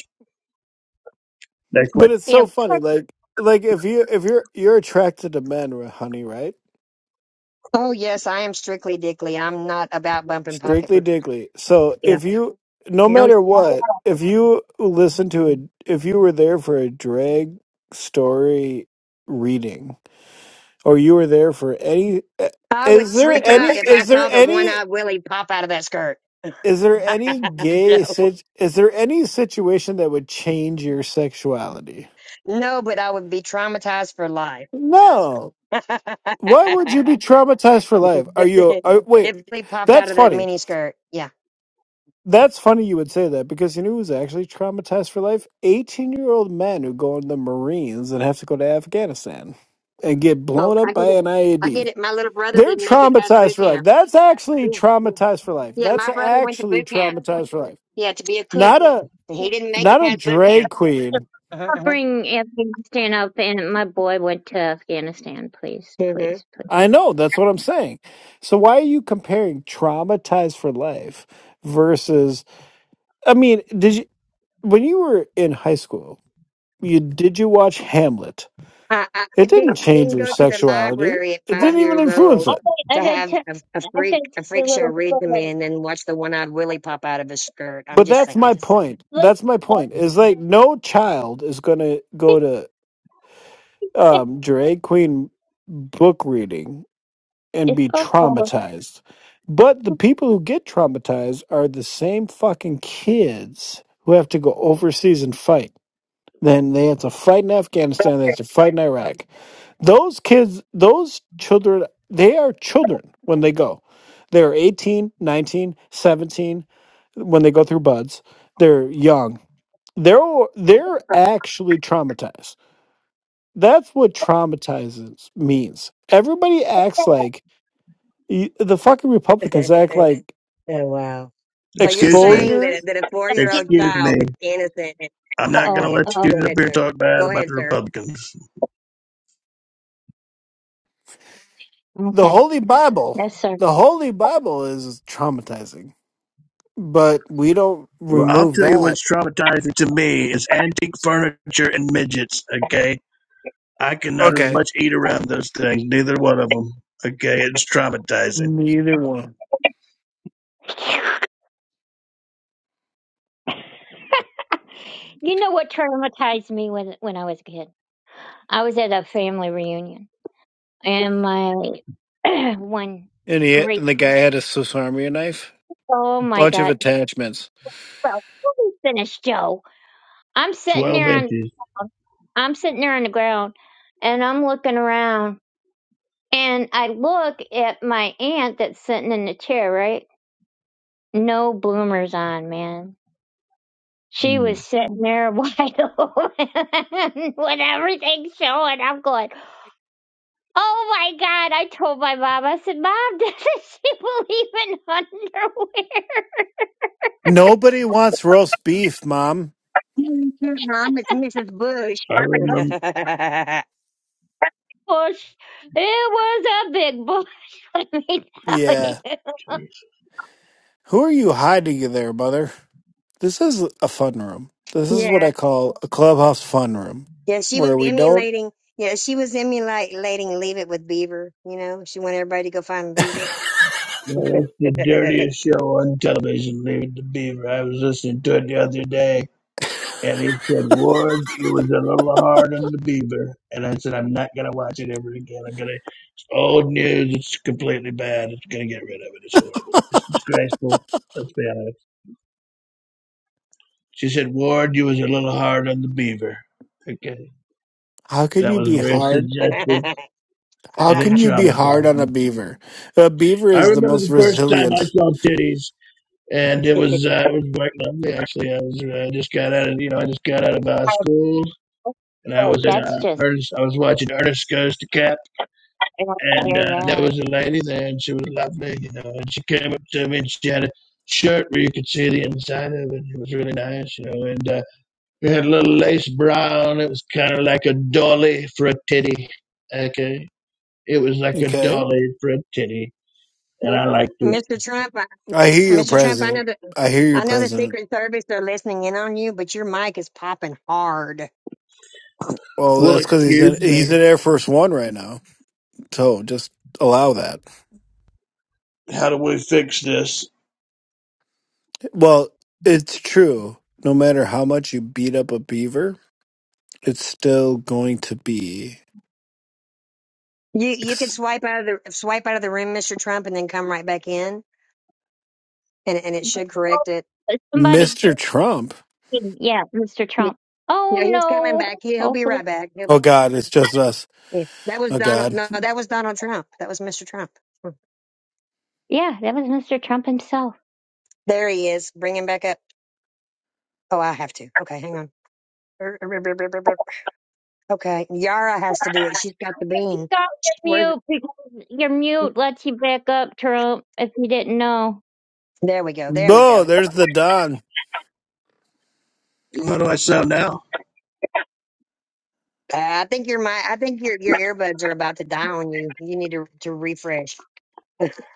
Next
but
question.
it's so
yeah.
funny like like if you if you're you're attracted to men r- honey right
Oh yes, I am strictly dickly. I'm not about bumping
Strictly
pocketbook.
Diggly. So
Yeah.
if you, no
No,
matter
stop
what, if you listen to a, if you were there for a drag story reading, or you were there for any, eh,
I would
is there
freak out
any,
if
is
I
there
saw the one
any,
eyed Willie pop out of that skirt.
is there any gay,
No.
sit- is there any situation that would change your sexuality?
No, but I would be traumatized for life.
No.
if
Why would you be traumatized for life? Are you,
the
are,
if
wait,
Willie popped out
that's
of that
funny.
mini skirt. Yeah.
That's funny you would say that because you know who's actually traumatized for life? 18 year old men who go in the Marines and have to go to Afghanistan and get
Oh,
blown up
I get
by
it.
an
I get
IED.
it. My little brother
They're
didn't make it past
traumatized
boot
for life.
camp.
That's
Yeah,
actually
yeah.
traumatized for life.
Yeah,
That's
my brother went to
actually
boot camp.
traumatized for life.
Yeah, to be a cook.
Not a
And he didn't make it
not a
past boot camp.
drag queen.
Uh-huh, uh-huh.
Afghanistan up. And my boy went to Afghanistan. Please,
hmm
please, please.
I know, that's what I'm saying. So why are you comparing traumatized for life versus I mean, did you when you were in high school, you did you watch Hamlet?
I, I, I
It didn't
didn't I
change
didn't
your
go to the
sexuality.
library at
It
five
didn't even
years
influence
old
it.
Okay, I
to
gotta
have
tell,
a, a
I gotta tell
freak a
you a
freak show
little
read to
story.
me and then watch the one eyed Willie pop out of his skirt. I'm
But
just
that's my
saying.
point.
Look,
That's my point. Is like no child is going to go to um, drag queen book reading and be
oh,
traumatized. But the people who get traumatized are the same fucking kids who have to go overseas and fight. Then they have to fight in Afghanistan. They have to fight in Iraq. Those kids, those children, they are children when they go. They're 18, 19, 17. when they go through buds. They're young. They're they're actually traumatized. That's what traumatizes means. Everybody acts like y- the fucking Republicans act
oh,
like
wow. So you're
Excuse me.
saying
exposure.
that that a four year
you know,
old
Excuse me.
child that's innocent. And,
I'm not
oh, go
gonna
ahead.
let
oh, oh,
you get
Go
up
ahead,
here and
sir.
talk bad
Go
about
ahead,
the
sir.
Republicans.
The
okay,
Holy Bible,
yes, sir.
the Holy Bible is traumatizing, but we don't
Well, I'll
remove
tell you
that.
what's traumatizing to me is antique furniture and midgets. Okay, I cannot as
Okay.
much eat around those things. Neither one of them. Okay, it's traumatizing.
Neither one.
you know what traumatized me when when I was a kid? I was at a family reunion, and my one
And he
great,
and the guy had a Swiss Army knife,
oh my
bunch of
God,
attachments.
well, let me finish, Joe I'm sitting
Twelve
there on
inches.
I'm sitting there on the ground and I'm looking around and I look at my aunt that's sitting in the chair, right? No bloomers on, man. She
Mm.
was sitting there wide open with everything showing. I'm going, oh my God. I told my mom, I said, Mom, doesn't she believe in underwear?
Nobody wants roast beef, mom.
Mm, Mom, it's Mrs. Bush.
I remember.
yeah,
Well, sh- it was a big bush. Let me tell
Yeah.
you.
Jeez.
Who are you hiding there, mother? This is a fun room. This is what I
yeah.
call a clubhouse fun room,
She was
where we don't.
emulating. Yeah, she was emulating "Leave It with Beaver." You know, she wanted everybody to go find Beaver.
Well, that's the
Mr.
dirtiest show on television, Leave It to Beaver. I was listening to it the other day. And he said, Ward, you was a little hard on the Beaver. And I said, I'm not going to watch it ever again. I'm going to, it's old news. It's completely bad. It's going to get rid of it. It's horrible. It's disgraceful. Let's be honest. She said, Ward, you was a little hard on the Beaver. Okay.
How can
That
you
was
be
very
hard?
suggestive
How
and it
can you be hard
traumatized
on
me.
a beaver? A beaver
I
is the
remember
most
the first time I
resilient.
saw titties. And it was uh, it was quite lovely actually. I was uh, just got out of you know I just got out of uh, school and I was
But
at
That's
uh,
just.
Ernest. I was watching Ernest Goes to Cap
I want to
and
hear
uh, there
that.
was a lady there, and she was lovely, you know. And she came up to me, and she had a shirt where you could see the inside of it. It was really nice, you know. And uh, we had a little lace brown. It was kind of like a dolly for a titty. Okay, it was like a
Okay,
dolly for a titty, and I liked it.
Trump, I-
I hear you,
Mr. Trump, I
President.
know that
I hear you,
I know the
President.
Secret Service are listening in on you, but your mic is popping hard.
Well,
Well,
that's because he's in
excuse
he's
me.
in Air Force One right now. So just allow that.
How do we fix this?
Well, it's true. No matter how much you beat up a beaver, it's still going to be
You you could
ex-
swipe out of the swipe out of the room, Mr. Trump, and then come right back in, and and it
But
should correct it.
somebody get
Mr. Trump.
him. Yeah, Mr.
You
Trump. Oh
know, he's coming
no.
back. He he'll be
Hopefully.
right back.
Oh
He'll-
God, it's just us.
he- that was
Oh
Donald.
God.
No, that was Donald Trump. That was Mr. Trump. Hmm.
Yeah, that was Mr. Trump himself.
There he is. Bring him back up. Oh, I have to. Okay, hang on. Er, er, er, er, er, er, er. Okay, Yara has to do it. She's got the
Okay,
bean.
Take off
Where's
your mute because your mute lets you back up, Trump, if you didn't know.
There we go. There we
No,
go.
there's the Don.
How do I sound now?
Uh, I think your my I think your your earbuds are about to die on you. You need to to refresh.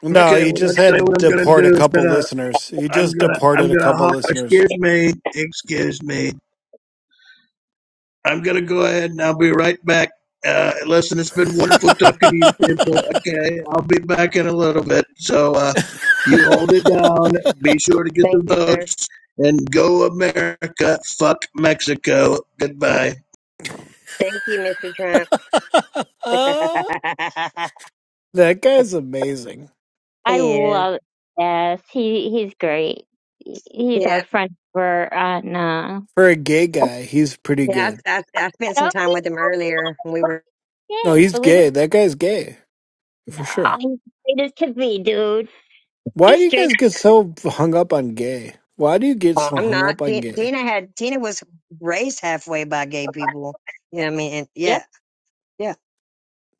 No,
Okay,
he
well I will
just had
tell you
to
what I'm gonna
deport
do.
a
It's been
couple
a
listeners. He
I'm
just
gonna I'm
deported a
gonna
couple
hop.
listeners.
Excuse me. Excuse me. I'm going to go ahead and I'll be right back. Uh, listen, it's been wonderful talking to you
that
people. Okay, I'll be back in a little bit. So uh, you hold it down. Be sure to get the
Thank you, sir.
votes and go America. Fuck Mexico. Goodbye.
Thank you, Mr. Trump.
guy's amazing.
I
he is.
love Yes, he he's great. He- He's our
Yeah.
friend for on uh
For a gay guy, he's pretty
Yeah.
good.
I, I, I spent some
no,
time with him earlier. when We were.
No,
okay, okay,
he's
believe it
gay. That guy's gay
no,
for sure.
he's straight as can be, dude.
Why
He's
do you
straight.
guys get so hung up on gay? Why do you get
Oh,
so
I'm
hung
not.
up on
Ti-
gay?
Tina had. Tina was raised halfway by gay people. You know what I mean? And
Yeah,
yeah. Yeah.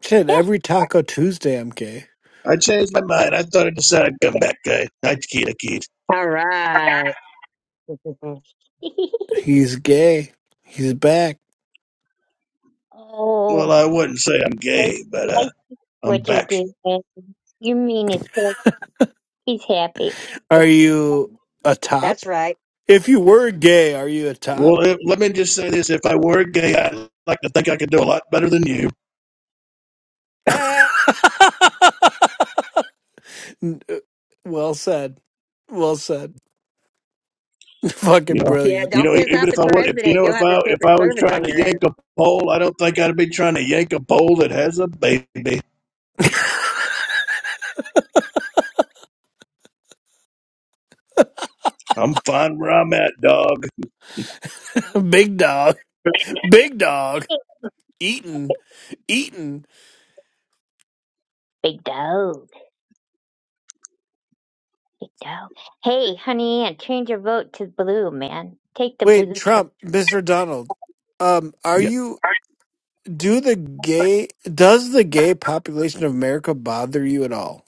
Shit,
yeah.
every Taco Tuesday I'm gay.
I changed my mind. I thought I decided to come back gay. Hi, Takita Keith.
All right.
He's gay. He's back.
oh.
Well, I wouldn't say I'm
I,
gay, but uh,
I see
I'm
what you're
back.
doing. You mean it's like he's happy.
Are you a
That's
top?
right.
If you were gay, are you a top?
Well, eh, let me just say this: if I were gay, I'd like to think I could do a lot better than you.
Uh,
N- uh, well said. Well said.
You
Fucking
know,
yeah.
brilliant.
you
Don't
know, e-
piss
even
off the
if I was, if you
president.
know,
You'll
if
have the
I if I
Secret
was
Service
trying
on
to
your ass.
yank a pole, I don't think I'd be trying to yank a pole that has a baby. I'm fine where I'm at, dog.
Big dog. Big dog. Eaton. Eaton.
Big dog. Big dog. Hey, honey, and change your vote to blue, man. Take the
Wait,
blue Trump
Trump, Mr. Donald. Um, are
Yeah,
you Do the gay does the gay population of America bother you at all?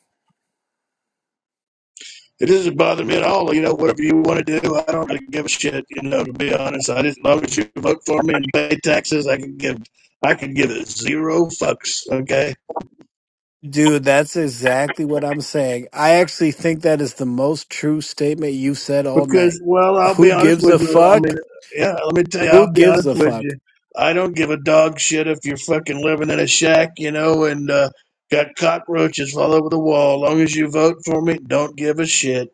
it doesn't bother me at all. You know, whatever you want to do, I don't really give a shit. You know, to be honest, I just as long as you vote for me and pay taxes, I can give I can give it zero fucks. Okay.
Dude, that's exactly what I'm saying. I actually think that is the most true statement you've said all
Because,
night.
well, I'll be
Who
honest
gives
with
a
you. I mean,
fuck?
yeah, let me tell you,
Who
I'll be
gives
honest
a
with
fuck?
you. I don't give a dog shit if you're fucking living in a shack, you know, and uh, got cockroaches all over the wall. long as you vote for me, don't give a shit.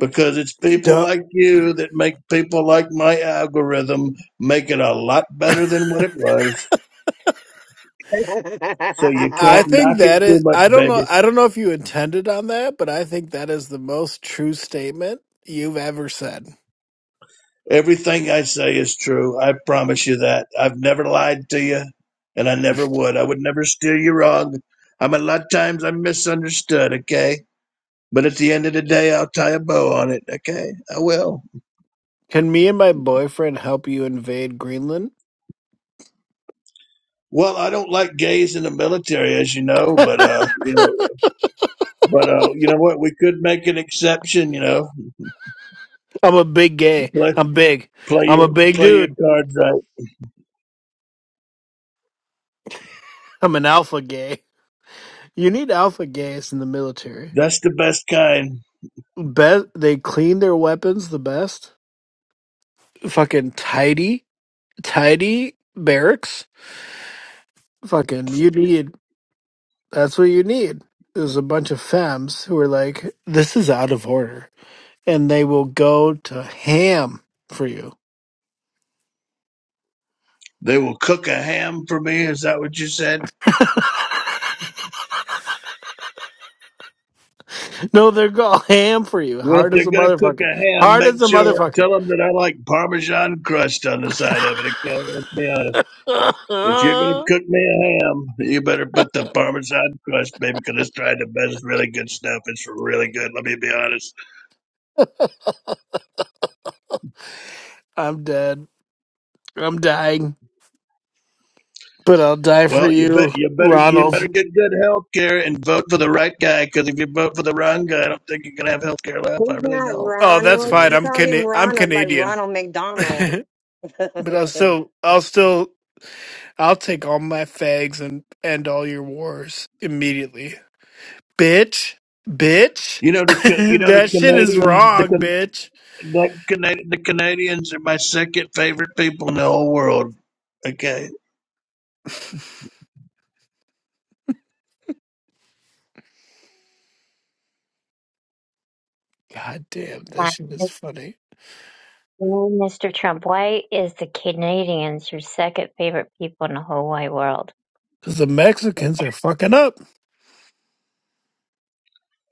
Because it's people
Duh.
like you that make people like my algorithm make it a lot better than what it was. So you can't
I
knock
think
it
that
too
is
much,
I don't
baby.
know I don't know if you intended on that, but I think that is the most true statement you've ever said.
Everything I say is true. I promise you that. I've never lied to you, and I never would. I would never steer you wrong. I'm a lot of times I'm misunderstood, okay? But at the end of the day, I'll tie a bow on it, okay? I will.
Can me and my boyfriend help you invade Greenland?
Well, I don't like gays in the military, as you know, but uh, you know, but uh, you know what? We could make an exception. You know,
I'm a big
you
gay.
play
I'm big.
play
I'm a
your
big
play your
dude.
cards right.
I'm an alpha gay. You need alpha gas in the military.
That's the best kind.
Bet they clean their weapons the best. Fucking tidy, tidy barracks. Fucking you need. That's what you need. There's a bunch of femmes who are like, this is out of order, and they will go to ham for you.
They will cook a ham for me. Is that what you said?
No, they're go ham for you.
Well, if
Hard as
they're
a
gonna cook
motherfucker.
a ham,
Hard
make
as a
sure
motherfucker.
tell them that I like Parmesan crust on the side of it. Okay, let's be honest. If you're gonna cook me a ham, you better put the Parmesan crust, baby, because it's trying the best. It's really good stuff. It's really good. Let me be honest.
I'm dead. I'm dying, but I'll die for
Well, you bet
you,
you better you
Ronald.
better get good health care and vote for the right guy. Because if you vote for the wrong guy, I don't think you're gonna have health care left. I
He's
really
not
don't. I
Oh,
think
that's
we're
Ronald.
fine.
gonna
You
I'm
called him
Cana- I'm
Ronald like
Canadian,
Ronald McDonald.
but I'll
we
still I'll still I'll take all my fags and end all your wars immediately, bitch, bitch.
you know the Ca- you know the
that shit is
Canadians.
wrong,
The
bitch.
That Cana- the Canadians are my second favorite people in the whole world. Okay.
God damn, that
line.
shit is funny.
Mr. Trump, why is the Canadians your second favorite people in the whole wide world?
Cause the Mexicans are fucking up.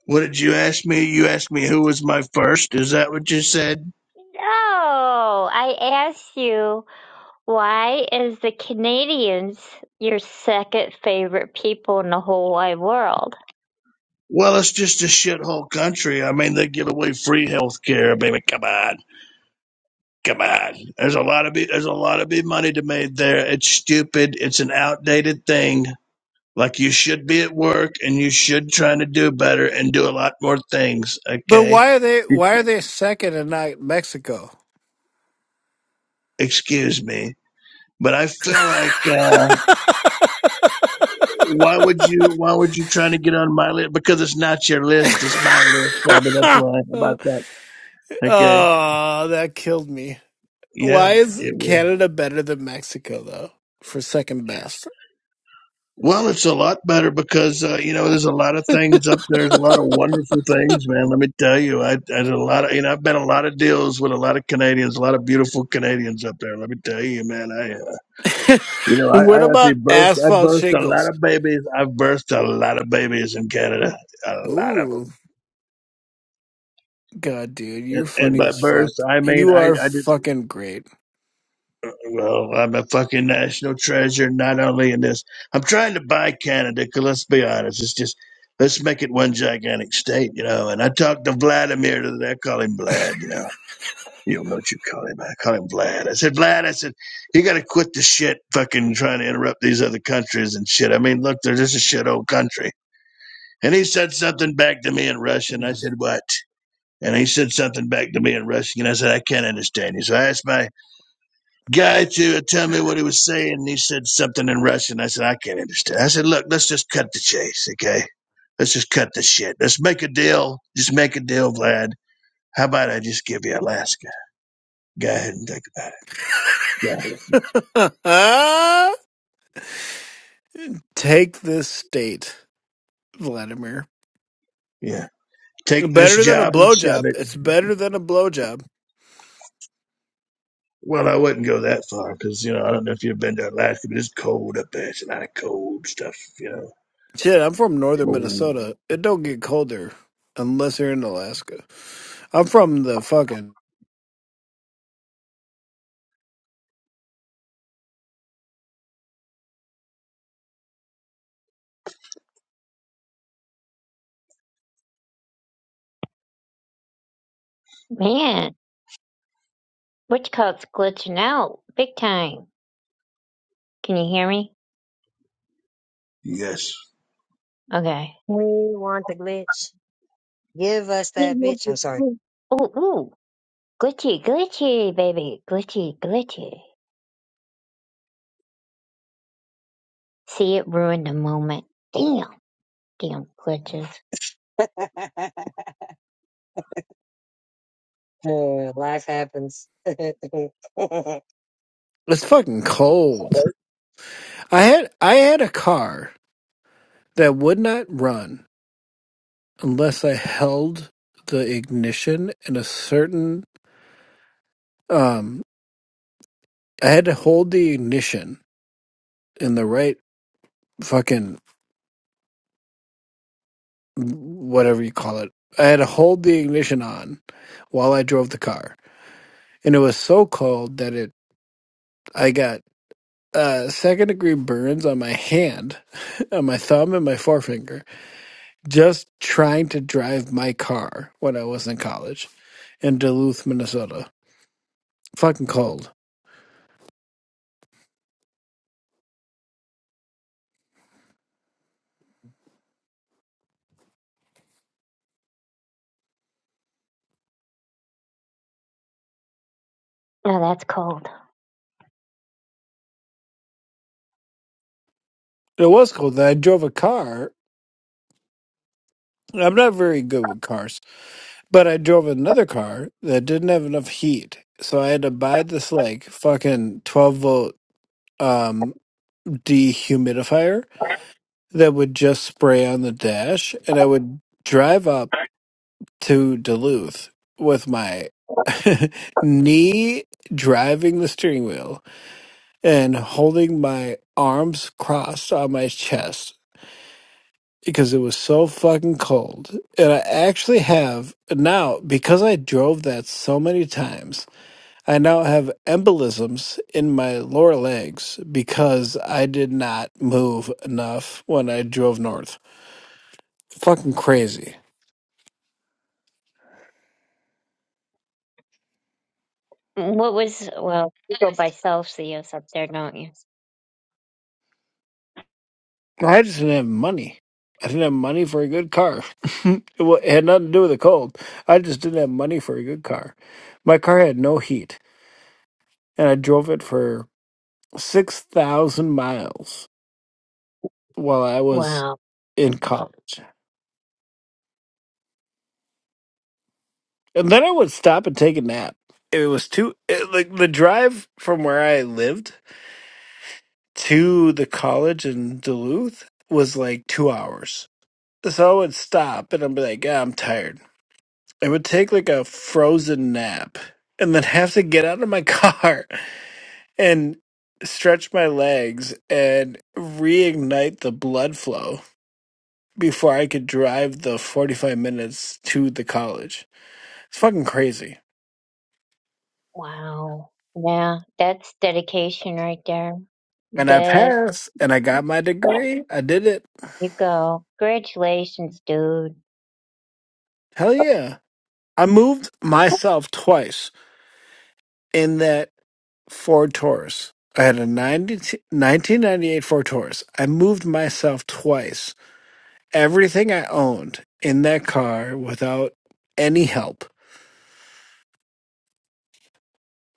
What did you ask me? You asked me who was my first. Is that what you said?
No, I asked you, why is the Canadians your second favorite people in the whole wide world?
Well, it's just a shithole country. I mean, they give away free health care. I mean, come on. Come on. There's a lot of be, there's a lot of big money to made there. It's stupid. It's an outdated thing. Like you should be at work and you should trying to do better and do a lot more things.
But
Okay.
why are they why are they second and not Mexico?
Excuse me. But I feel like uh, Why would you? Why would you try to get on my list? Because it's not your list; it's my list. Probably that's why about that.
oh,
Okay.
that killed me.
Yeah,
Why is
it will.
Canada better than Mexico though? For second best.
Well, it's a lot better because uh, you know there's a lot of things up there. There's a lot of wonderful things, man. Let me tell you, I, I did a lot of you know I've been a lot of deals with a lot of Canadians, a lot of beautiful Canadians up there. Let me tell you, man. I uh, you know I,
what
I actually
about
birthed I
asphalt
birthed a lot
shingles?
of babies. I've birthed a lot of babies in Canada, a lot of
Ooh,
them.
god, dude,
And,
you're
and
funny
by
as
birth,
fuck.
I mean
You
I I
are
did.
fucking great.
Well, I'm a fucking national treasure, not only in this. I'm trying to buy Canada, 'cause let's be honest, it's just, let's make it one gigantic state, you know. And I talked to Vladimir, today. I call him Vlad, you know. You don't know what you call him. I call him Vlad. I said, Vlad, I said, you got to quit the shit fucking trying to interrupt these other countries and shit. I mean, look, they're just a shit old country. And he said something back to me in Russian. I said, what? And he said something back to me in Russian. And I said, I can't understand you. So I asked my guy to tell me what he was saying. And he said something in Russian. I said, I can't understand. I said, look, let's just cut the chase, okay? Let's just cut the shit. Let's make a deal. Just make a deal, Vlad. How about I just give you Alaska? Go ahead and think about it. Yeah.
Take this state, Vladimir.
yeah. Take this
Better than a
job and shove
blowjob.
it.
It's better than a blowjob.
Well, I wouldn't go that far because, you know, I don't know if you've been to Alaska, but it's cold up there. It's a lot of cold stuff, you know.
Shit, I'm from northern
Cold.
Minnesota. It don't get colder unless you're in Alaska. I'm from the fucking.
Man. Which card's glitching out? Big time. Can you hear me?
Yes.
Okay.
want the glitch. Give us that
Ooh,
bitch. I'm sorry.
ooh. Glitchy, glitchy, baby. Glitchy, glitchy. See, it ruined the moment. Damn, damn glitches.
Uh, life happens. no,
It's fucking cold. I had I had a car that would not run unless I held the ignition in a certain um I had to hold the ignition in the right fucking whatever you call it. I had to hold the ignition on while I drove the car. And it was so cold that it I got uh second degree burns on my hand, on my thumb and my forefinger just trying to drive my car when I was in college in Duluth, Minnesota. fucking cold.
Now that's cold.
It was cold. I drove a car. I'm not very good with cars, but I drove another car that didn't have enough heat. So I had to buy this like fucking 12 volt um dehumidifier that would just spray on the dash and I would drive up to Duluth with my knee driving the steering wheel and holding my arms crossed on my chest because it was so fucking cold. And I actually have now, because I drove that so many times, I now have embolisms in my lower legs because I did not move enough when I drove north. Fucking crazy.
What was, well, you go by Celsius up there, don't you?
I just didn't have money. I didn't have money for a good car. it wa- it had nothing to do with the cold. I just didn't have money for a good car. My car had no heat, and I drove it for 6,000 miles while I was
Wow,
in college, and then I would stop and take a nap. It was too it, like the drive from where I lived to the college in Duluth was like two hours. So I would stop and I'd be like, "Ah, I'm tired. I would take like a frozen nap and then have to get out of my car and stretch my legs and reignite the blood flow before I could drive the 45 minutes to the college. It's fucking crazy.
wow. Yeah, that's dedication right there.
and I
Dead.
passed and I got my degree. I did it.
You go. Congratulations, dude.
Hell yeah. I moved myself twice in that Ford Taurus. I had a 90 1998 Ford Taurus. I moved myself twice. Everything I owned in that car without any help.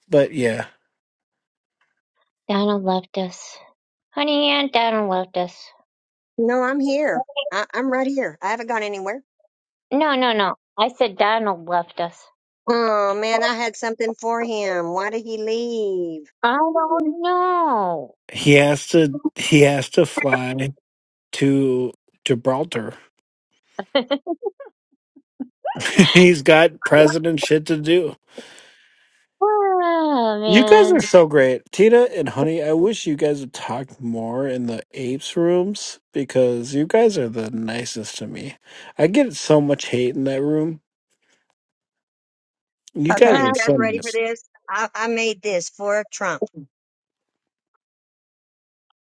But yeah,
Donald left us. Honey, Aunt Donald left us.
I'm here. I- I'm right here. I haven't gone anywhere.
No, no, no. I said Donald left us.
Oh man, I had something for him. Why did he leave?
I don't know.
he has to he has to fly to Gibraltar. He's got president shit to do.
Oh,
You guys are
man.
so great. Tina and Honey, I wish you guys would talk more in the apes rooms because you guys are the nicest to me. I get so much hate in that room. You guys
Okay,
are
you guys
so
ready for
nice.
this? I, I made this for Trump.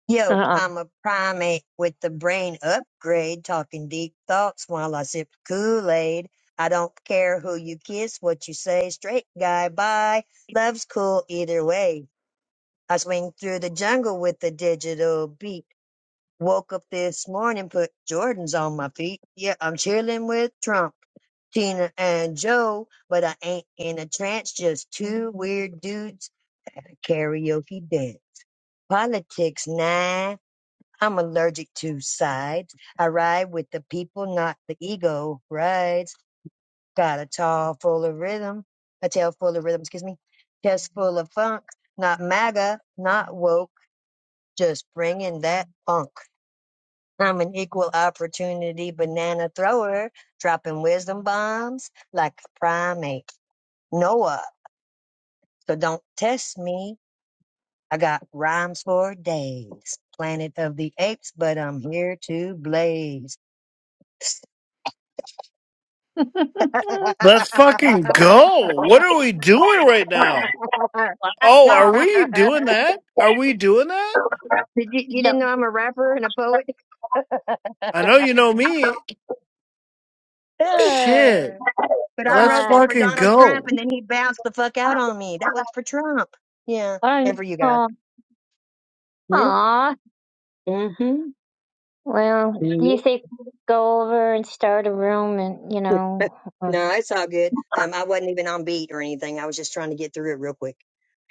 Yo,
Uh-uh.
I'm a primate with the brain upgrade, talking deep thoughts while I sip Kool-Aid. I don't care who you kiss, what you say, straight guy, bye. Love's cool either way. I swing through the jungle with the digital beat. Woke up this morning, put Jordans on my feet. Yeah, I'm chilling with Trump. Tina and Joe, but I ain't in a trance, just two weird dudes karaoke dance. Politics, nah. I'm allergic to sides. I ride with the people, not the ego rides. Got a tall full of rhythm, a tail full of rhythm, excuse me, chest full of funk, not MAGA, not woke, just bringing that funk. I'm an equal opportunity banana thrower, dropping wisdom bombs like a primate. Noah, so don't test me. I got rhymes for days. Planet of the apes, but I'm here to blaze.
Let's fucking go. What are we doing right now? Oh, are
Wow.
we doing that? Are we doing that?
Did you, you
No.
didn't know I'm a rapper and a poet? but I
I know you know me. Shit, let's
wrote
Wow.
that for
fucking
Donald Trump
go.
and then he bounced the fuck out on me. That was for Trump. Yeah. And for you guys.
Oh,
Yeah.
no.
Mm-hmm.
Well, do
Yeah.
you think we'll go over and start a room and, you know, uh,
no, it's all good. Um, I wasn't even on beat or anything. I was just trying to get through it real quick.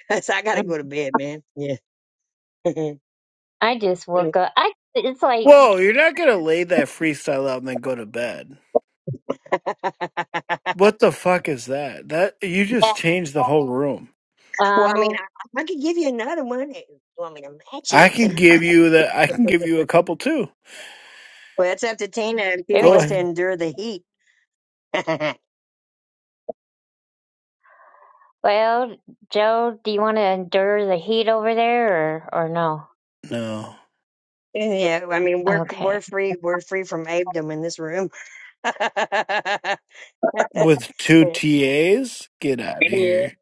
so I gotta
mm,
go to bed, man. Yeah.
I just
Yeah.
woke up. I it's like
Whoa, you're not gonna lay that freestyle out and then go to bed. What the fuck is that? That you
uh,
just changed the whole room.
well, I mean,
um
I, I could give you another one. if You want me to match
I
it?
can give you that. I can give you a
Well,
couple too.
it's up to Tina if she
there we
Go
go.
wants to
ahead.
endure the heat.
Well, Joe, do you want to endure the heat over there or or no?
No,
And yeah, I mean we're we're
Okay.
free we're free from abdom in this room. yeah,
with two TAs, get out of here.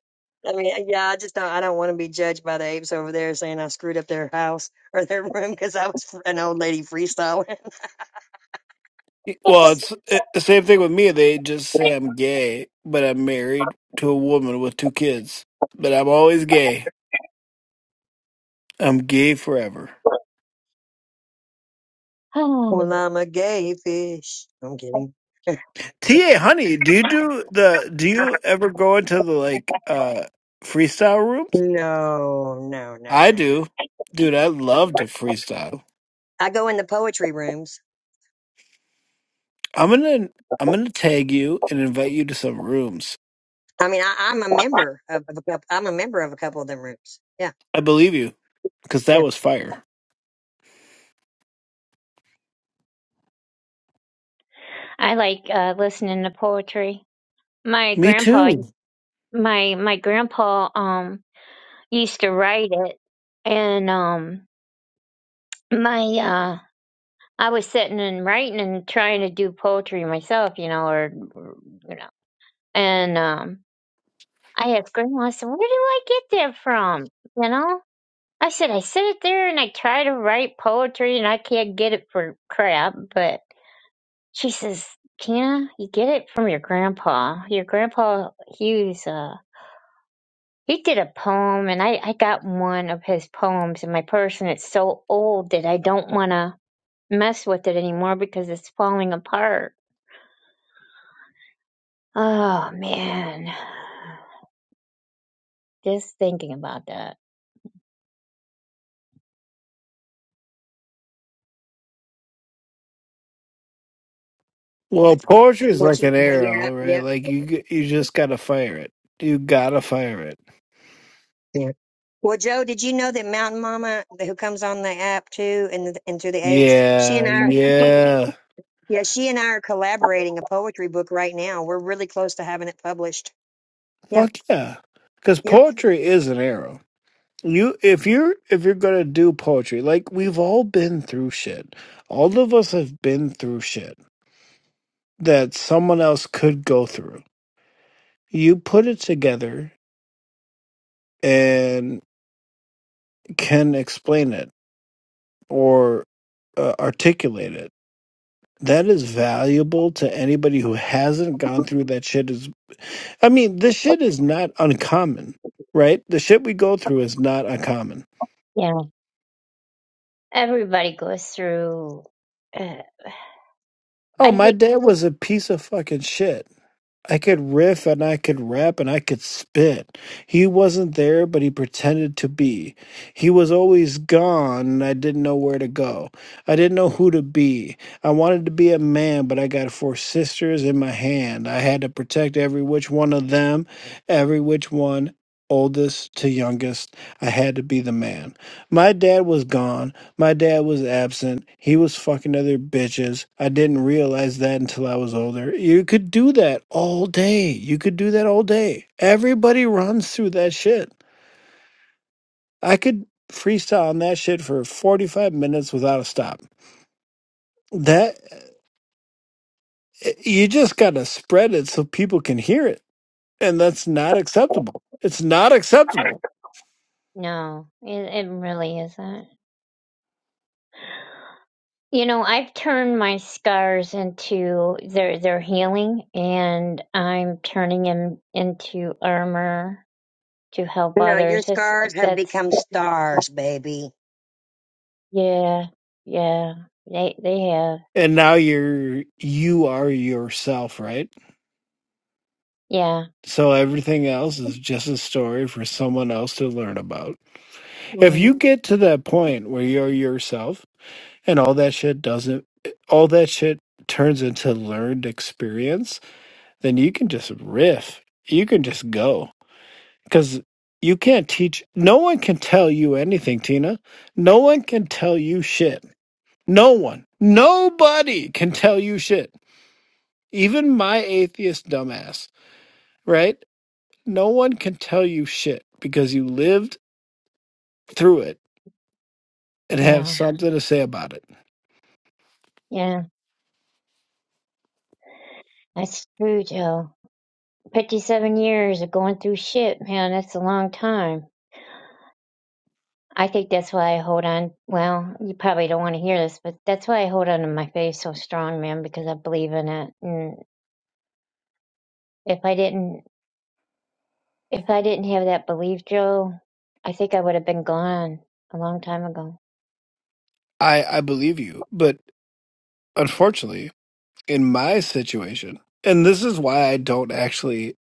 I mean yeah, I just don't I don't want to be judged by the apes over there saying I screwed up their house or their room because I was fr- an old lady freestyling.
Well, it's it, the same thing with me. They just say I'm gay, but I'm married to a woman with two kids. But I'm always gay. I'm gay forever.
Hmm.
well, I'm a gay fish. I'm kidding.
TA Honey, do you do the do you ever go into the like uh freestyle rooms?
No, no, no,
I do. Dude, I love
no.
to freestyle.
I go in the poetry rooms.
I'm gonna I'm gonna tag you and invite you to some rooms.
I mean, I, I'm a member of, of a couple, I'm a member of a couple of them rooms. Yeah,
I believe you, because that
yeah.
was fire.
I like uh listening to poetry. My
Me
grandpa
too.
my my grandpa um used to write it and um my uh, I was sitting and writing and trying to do poetry myself, you know, or or, you know, and um, I asked Grandma, I said, "Where do I get that from?" You know, I said, "I sit there and I try to write poetry and I can't get it for crap." But she says, "Tina, you get it from your grandpa. Your grandpa Hughes, uh, he did a poem, and I I got one of his poems in my purse, and it's so old that I don't want to." mess with it anymore because it's falling apart Oh man, just thinking about that.
Well, poetry is
What
like an
you? uh, Yeah,
arrow, right?
yeah,
Like you g- you just gotta fire it. You gotta fire it.
yeah. Well, Joe, did you know that Mountain Mama, who comes on the app too, and and through the apes, she
Yeah,
and I, are- she,
yeah.
yeah, she and I are collaborating a poetry book right now. We're really close to having it published. Yeah,
Fuck yeah. Because
yeah.
poetry is an arrow. you if you're if you're gonna do poetry like we've all been through shit all of us have been through shit that someone else could go through you put it together and can explain it or uh, articulate it that is valuable to anybody who hasn't gone through that shit is i mean this shit is not uncommon right the shit we go through is not uncommon
Yeah, everybody goes through. Uh,
oh
I
my
think
dad was a piece of fucking shit I could riff and I could rap and I could spit. He wasn't there, but he pretended to be. He was always gone and I didn't know where to go. I didn't know who to be. I wanted to be a man, but I got four sisters in my hand. I had to protect every which one of them, every which one. Oldest to youngest, I had to be the man. My dad was gone. My dad was absent. He was fucking other bitches. I didn't realize that until I was older. You could do that all day. You could do that all day. Everybody runs through that shit. I could freestyle on that shit for 45 minutes without a stop. That eh, you just got to spread it so people can hear it. And that's not acceptable. It's not acceptable.
no, it, it really isn't. You know, I've turned my scars into their their healing, and I'm turning them into armor to help
No, your
others. It's,
scars have
that's
become stars, baby.
yeah, yeah. They they have
And now you're you are yourself, right?
yeah,
So everything else is just a story for someone else to learn about. If
Mm.
you get to that point where you're yourself and all that shit doesn't, all that shit turns into learned experience, then you can just riff. You can just go. Because you can't teach, no one can tell you anything, Tina. No one can tell you shit. No one, nobody can tell you shit. Even my atheist dumbass, right? No one can tell you shit because you lived through it and have
yeah,
something to say about it.
yeah. That's true, Joe. 57 years of going through shit, man, that's a long time. I think that's why I hold on. Well, you probably don't want to hear this, but that's why I hold on to my faith so strong, man, because I believe in it. And if I didn't, if I didn't have that belief, Joe, I think I would have been gone a long time ago.
I I believe you, but unfortunately, in my situation, and this is why I don't actually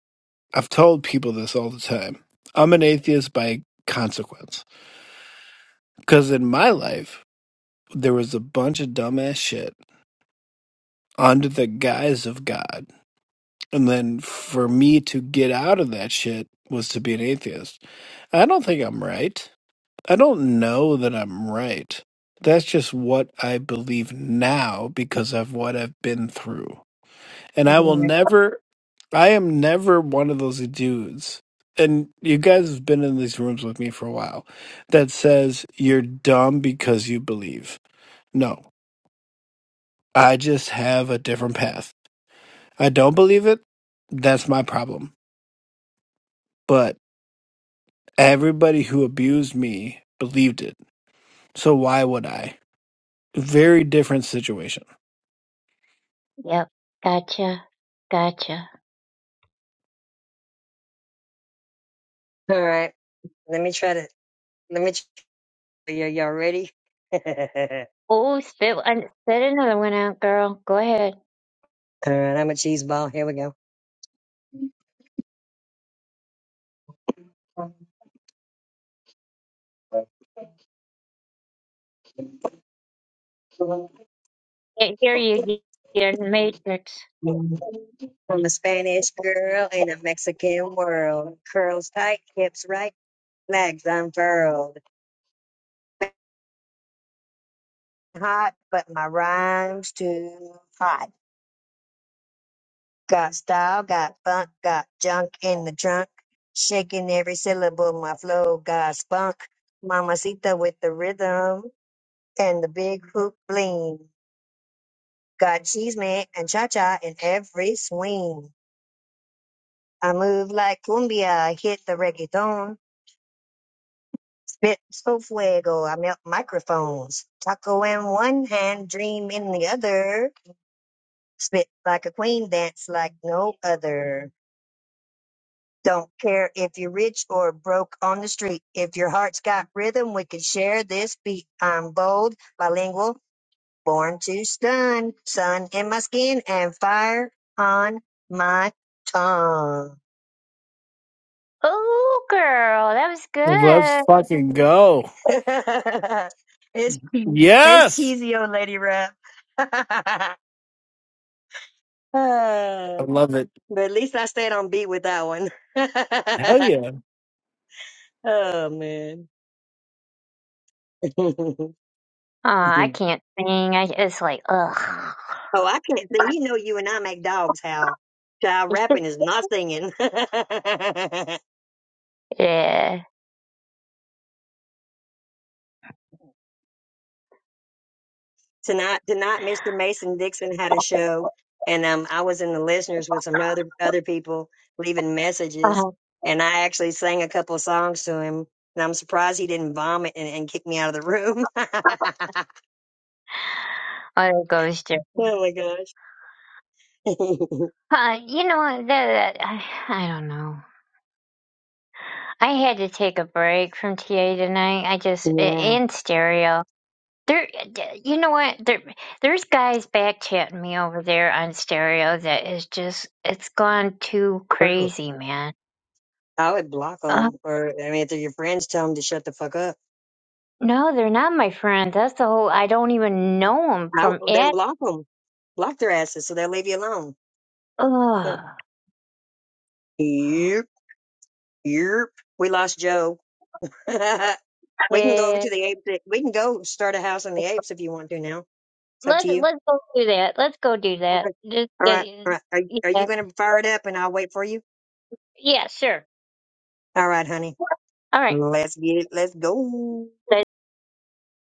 I've told people this all the time. I'm an atheist by consequence because in my life there was a bunch of dumbass shit under the guise of God. And then for me to get out of that shit was to be an atheist. I don't think I'm right. I don't know that I'm right. That's just what I believe now because of what I've been through. And I will
Mhm.
never, I am never one of those dudes. And you guys have been in these rooms with me for a while that says you're dumb because you believe. No, I just have a different path. I don't believe it. That's my problem. But everybody who abused me believed it. So why would I? Very different situation.
Yep. Gotcha. Gotcha.
All right, let me try to. Let me. Try, y- y'all ready? All
Oh, spit, and spit another one out, girl. Go ahead.
right, I'm a cheese ball. Here we go.
Can't hear you. You're in the matrix.
Mm-hmm. From a Spanish girl in a Mexican world. Curls tight, hips right, legs unfurled. Hot, but my rhyme's too hot. Got style, got funk, got junk in the trunk. Shaking every syllable, my flow got spunk. Mamacita with the rhythm and the big hoop bling. Got cheese man and cha-cha in every swing. I move like cumbia, hit the reggaeton. Spitful fuego. I melt microphones. Taco in one hand, dream in the other. Spit like a queen, dance like no other. Don't care if you're rich or broke on the street. If your heart's got rhythm, we can share this beat. I'm bold, bilingual, born to stun. Sun in my skin and fire on my tongue.
Oh, girl, that was
Let's
good.
fucking go.
it's, it's
Yes.
cheesy old lady rap. Ah.
I love it.
But at least I stayed on beat with that one.
Hell
oh man. oh,
I can't sing. I it's like ugh.
I can't sing. You know, you and I make dogs howl. Child rapping is not singing. tonight,
Yeah.
tonight, Mr. Mason Dixon had a show, and um, I was in the listeners with some other other people leaving messages,
Uh-huh.
and I actually sang a couple of songs to him. And I'm surprised he didn't vomit and, and kick me out of the room.
Oh, It goes to.
oh my gosh.
Uh, you know what, that, I, I don't know. I had to take a break from TA tonight. I just a-
yeah,
in stereo. There, d- you know what? There, there's guys back chatting me over there on stereo. That is just, it's gone too
gross.
crazy, man.
I would block
Uh,
them, or I mean, if they're your friends, tell them to shut the fuck up.
no, they're not my friends. That's the whole. I don't even know them
I
from
w- then
it.
block them, block their asses, so they'll leave you alone. Yep.
Ugh.
Yep. Yep. We lost Joe. we can go over
Yeah.
to the apes. eh, We can go start a house on the apes if you want to. Now it's up to
Let's
you.
let's go do that. Let's go do that.
Okay.
Just
All
get
right. All right. Are, are you
yeah.
going to fire it up, and I'll wait for you?
Yeah, sure.
All right, honey.
All right.
Let's get it. Let's go.